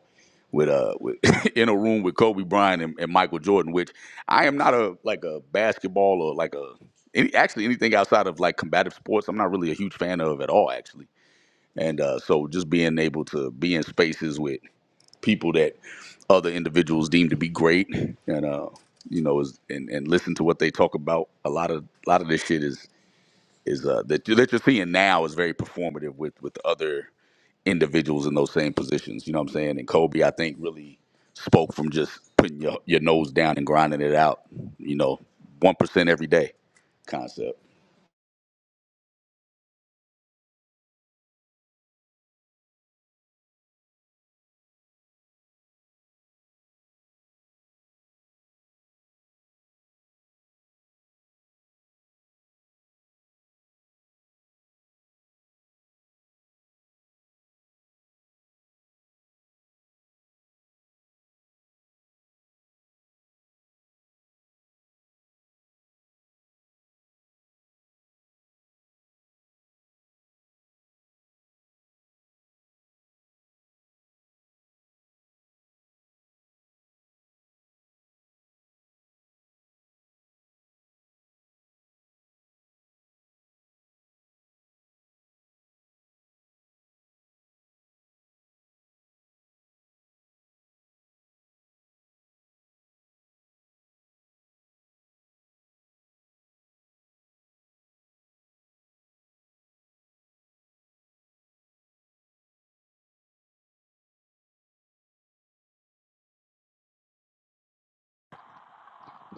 [SPEAKER 4] with uh with, in a room with Kobe Bryant and, and Michael Jordan, which I am not a like a basketball or like a any actually anything outside of like combative sports. I'm not really a huge fan of at all actually. And uh, so just being able to be in spaces with people that other individuals deem to be great and uh you know is and, and listen to what they talk about a lot of a lot of this shit is is uh that, that you're seeing now is very performative with with other individuals in those same positions. You know what I'm saying? And Kobe, I think, really spoke from just putting your, your nose down and grinding it out. You know, one percent every day concept.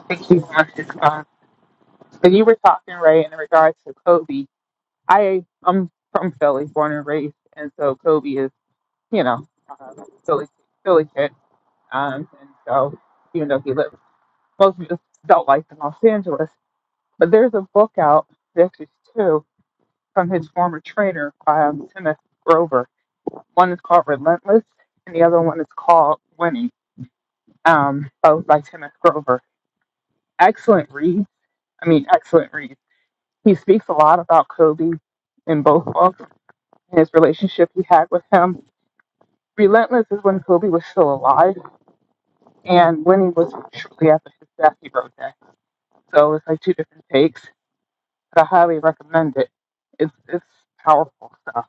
[SPEAKER 2] Thank you, Marcus. Um, so you were talking right in regards to Kobe. I I'm from Philly, born and raised, and so Kobe is you know uh, Philly Philly kid. Um, and so even though he lived most of his adult life in Los Angeles, But there's a book out, there's actually two, from his former trainer, um, Kenneth Grover. One is called Relentless, and the other one is called Winning, um, both by Kenneth Grover. Excellent read. I mean, excellent read. He speaks a lot about Kobe in both books and his relationship he had with him. Relentless is when Kobe was still alive, and Winning was shortly after his death. He wrote that, so it's like two different takes. But I highly recommend it. It's it's powerful stuff.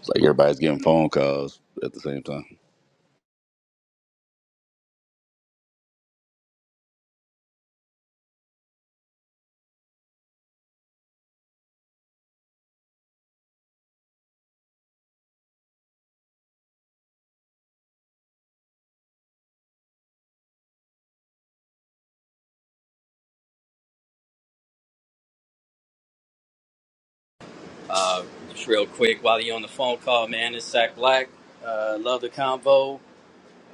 [SPEAKER 4] It's like everybody's getting phone calls at the same time.
[SPEAKER 6] Uh, just real quick, while you're on the phone call, man, it's Zach Black. Uh, love the convo.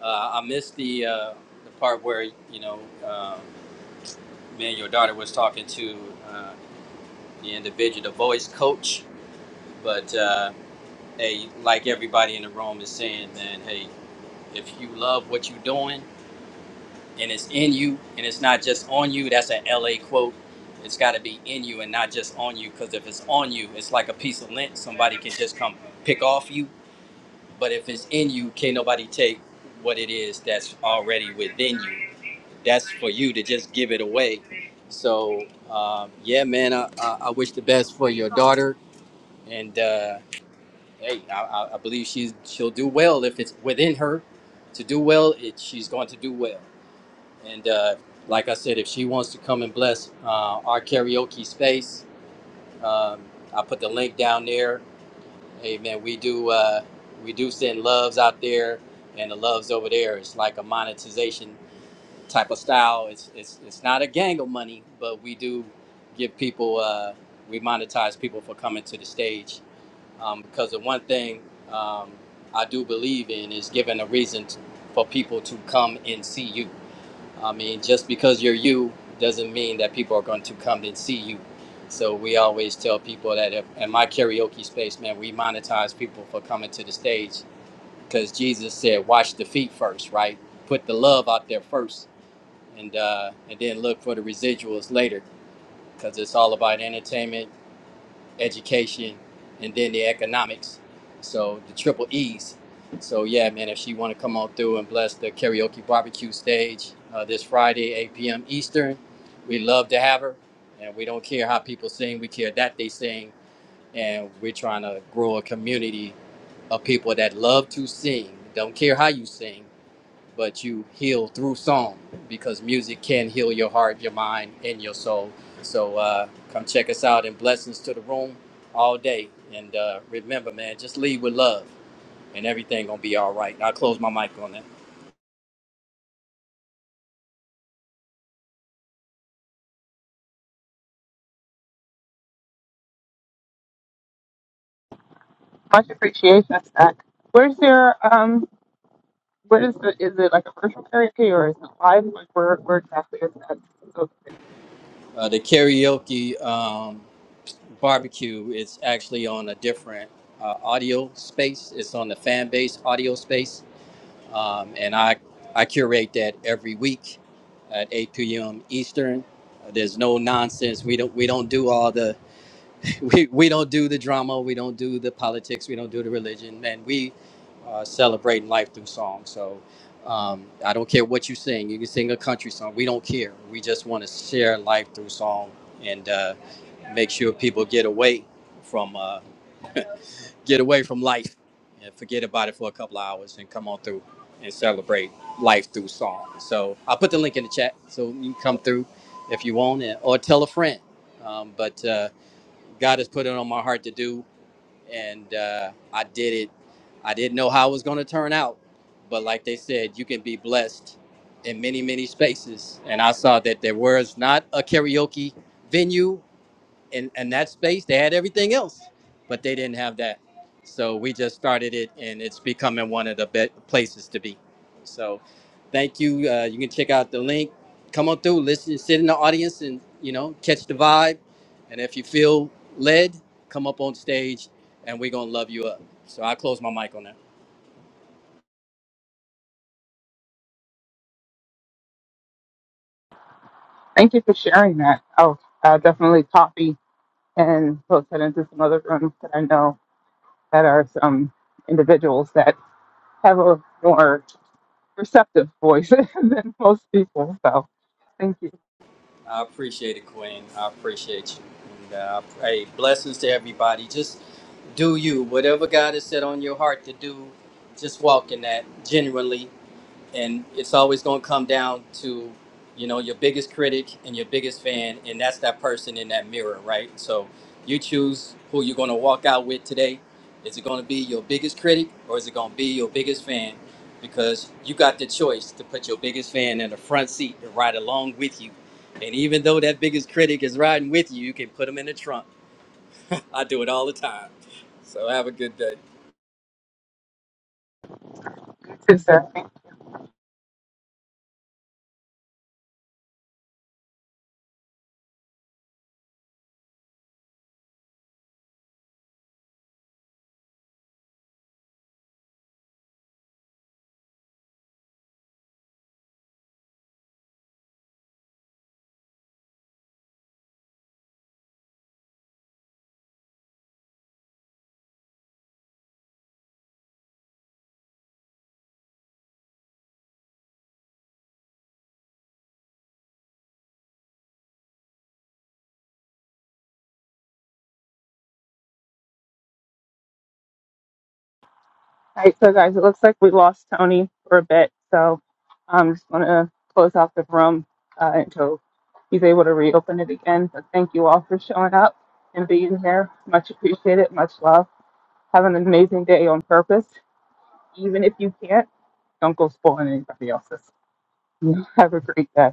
[SPEAKER 6] Uh, I missed the uh, the part where you know um, me and your daughter was talking to uh, the individual, the voice coach. But uh, hey, like everybody in the room is saying, man, hey, if you love what you're doing and it's in you and it's not just on you, that's an LA quote. It's got to be in you and not just on you, because if it's on you, it's like a piece of lint somebody can just come pick off you But if it's in you, can't nobody take what it is that's already within you. That's for you to just give it away. So, um, yeah, man, I, I, I wish the best for your daughter, and uh, hey, I, I I believe she's she'll do well if it's within her to do well. It, she's going to do well, and uh, like I said, if she wants to come and bless uh, our karaoke space, um, I put the link down there Hey man, we do uh, we do send loves out there, and the loves over there is like a monetization type of style. It's it's it's not a gang of money, but we do give people uh, we monetize people for coming to the stage um, because the one thing um, I do believe in is giving a reason t for people to come and see you. I mean, just because you're you doesn't mean that people are going to come and see you. So we always tell people that if, in my karaoke space, man, we monetize people for coming to the stage because Jesus said, "Wash the feet first, right? Put the love out there first, and uh, and then look for the residuals later, because it's all about entertainment education, and then the economics. So the triple E's. So yeah, man, if she want to come on through and bless the karaoke barbecue stage uh, this Friday, 8 p.m. Eastern, we love to have her, and we don't care how people sing. We care that they sing, and we're trying to grow a community of people that love to sing. Don't care how you sing but you heal through song because music can heal your heart, your mind, and your soul. So uh, come check us out and blessings to the room all day. And uh, remember, man, just lead with love and everything gonna be all right. I'll close my mic on that.
[SPEAKER 2] Much appreciation, Stack. Where's your um? What is the? Is it like a virtual karaoke or is it live? Like where? Where exactly is that? So
[SPEAKER 6] Uh, the karaoke um, barbecue is actually on a different uh, audio space. It's on the fan base audio space. um, and I I curate that every week at 8 p.m. Eastern. Uh, There's no nonsense. We don't we don't do all the we, we don't do the drama. We don't do the politics. We don't do the religion. And we uh, celebrate life through song. So um, I don't care what you sing. You can sing a country song. We don't care. We just want to share life through song and uh, make sure people get away from. Uh, get away from life and forget about it for a couple of hours and come on through and celebrate life through song. So I'll put the link in the chat so you can come through if you want and, or tell a friend. Um, but uh, God has put it on my heart to do, and uh, I did it. I didn't know how it was going to turn out, but like they said, you can be blessed in many, many spaces. And I saw that there was not a karaoke venue in, in that space they had everything else but they didn't have that so we just started it and it's becoming one of the best places to be so thank you uh, you can check out the link come on through listen sit in the audience and you know catch the vibe and if you feel led come up on stage and we're gonna love you up so i close my mic on that
[SPEAKER 2] thank you for sharing that. I'll uh, definitely copy and post that into some other rooms that I know that are some individuals that have a more receptive voice than most people. So thank you.
[SPEAKER 6] I appreciate it, Queen. I appreciate you. And uh, hey, blessings to everybody. Just do you. Whatever God has set on your heart to do, just walk in that genuinely and it's always going to come down to you know your biggest critic and your biggest fan and that's that person in that mirror right so you choose who you're going to walk out with today is it going to be your biggest critic or is it going to be your biggest fan because you got the choice to put your biggest fan in the front seat and ride along with you and even though that biggest critic is riding with you you can put them in the trunk i do it all the time so have a good day
[SPEAKER 2] sister. All right, so guys, it looks like we lost Tony for a bit, so I'm just going to close off the room uh, until he's able to reopen it again. But thank you all for showing up and being here. Much appreciated, much love. Have an amazing day on purpose. Even if you can't, don't go spoiling anybody else's. Have a great day.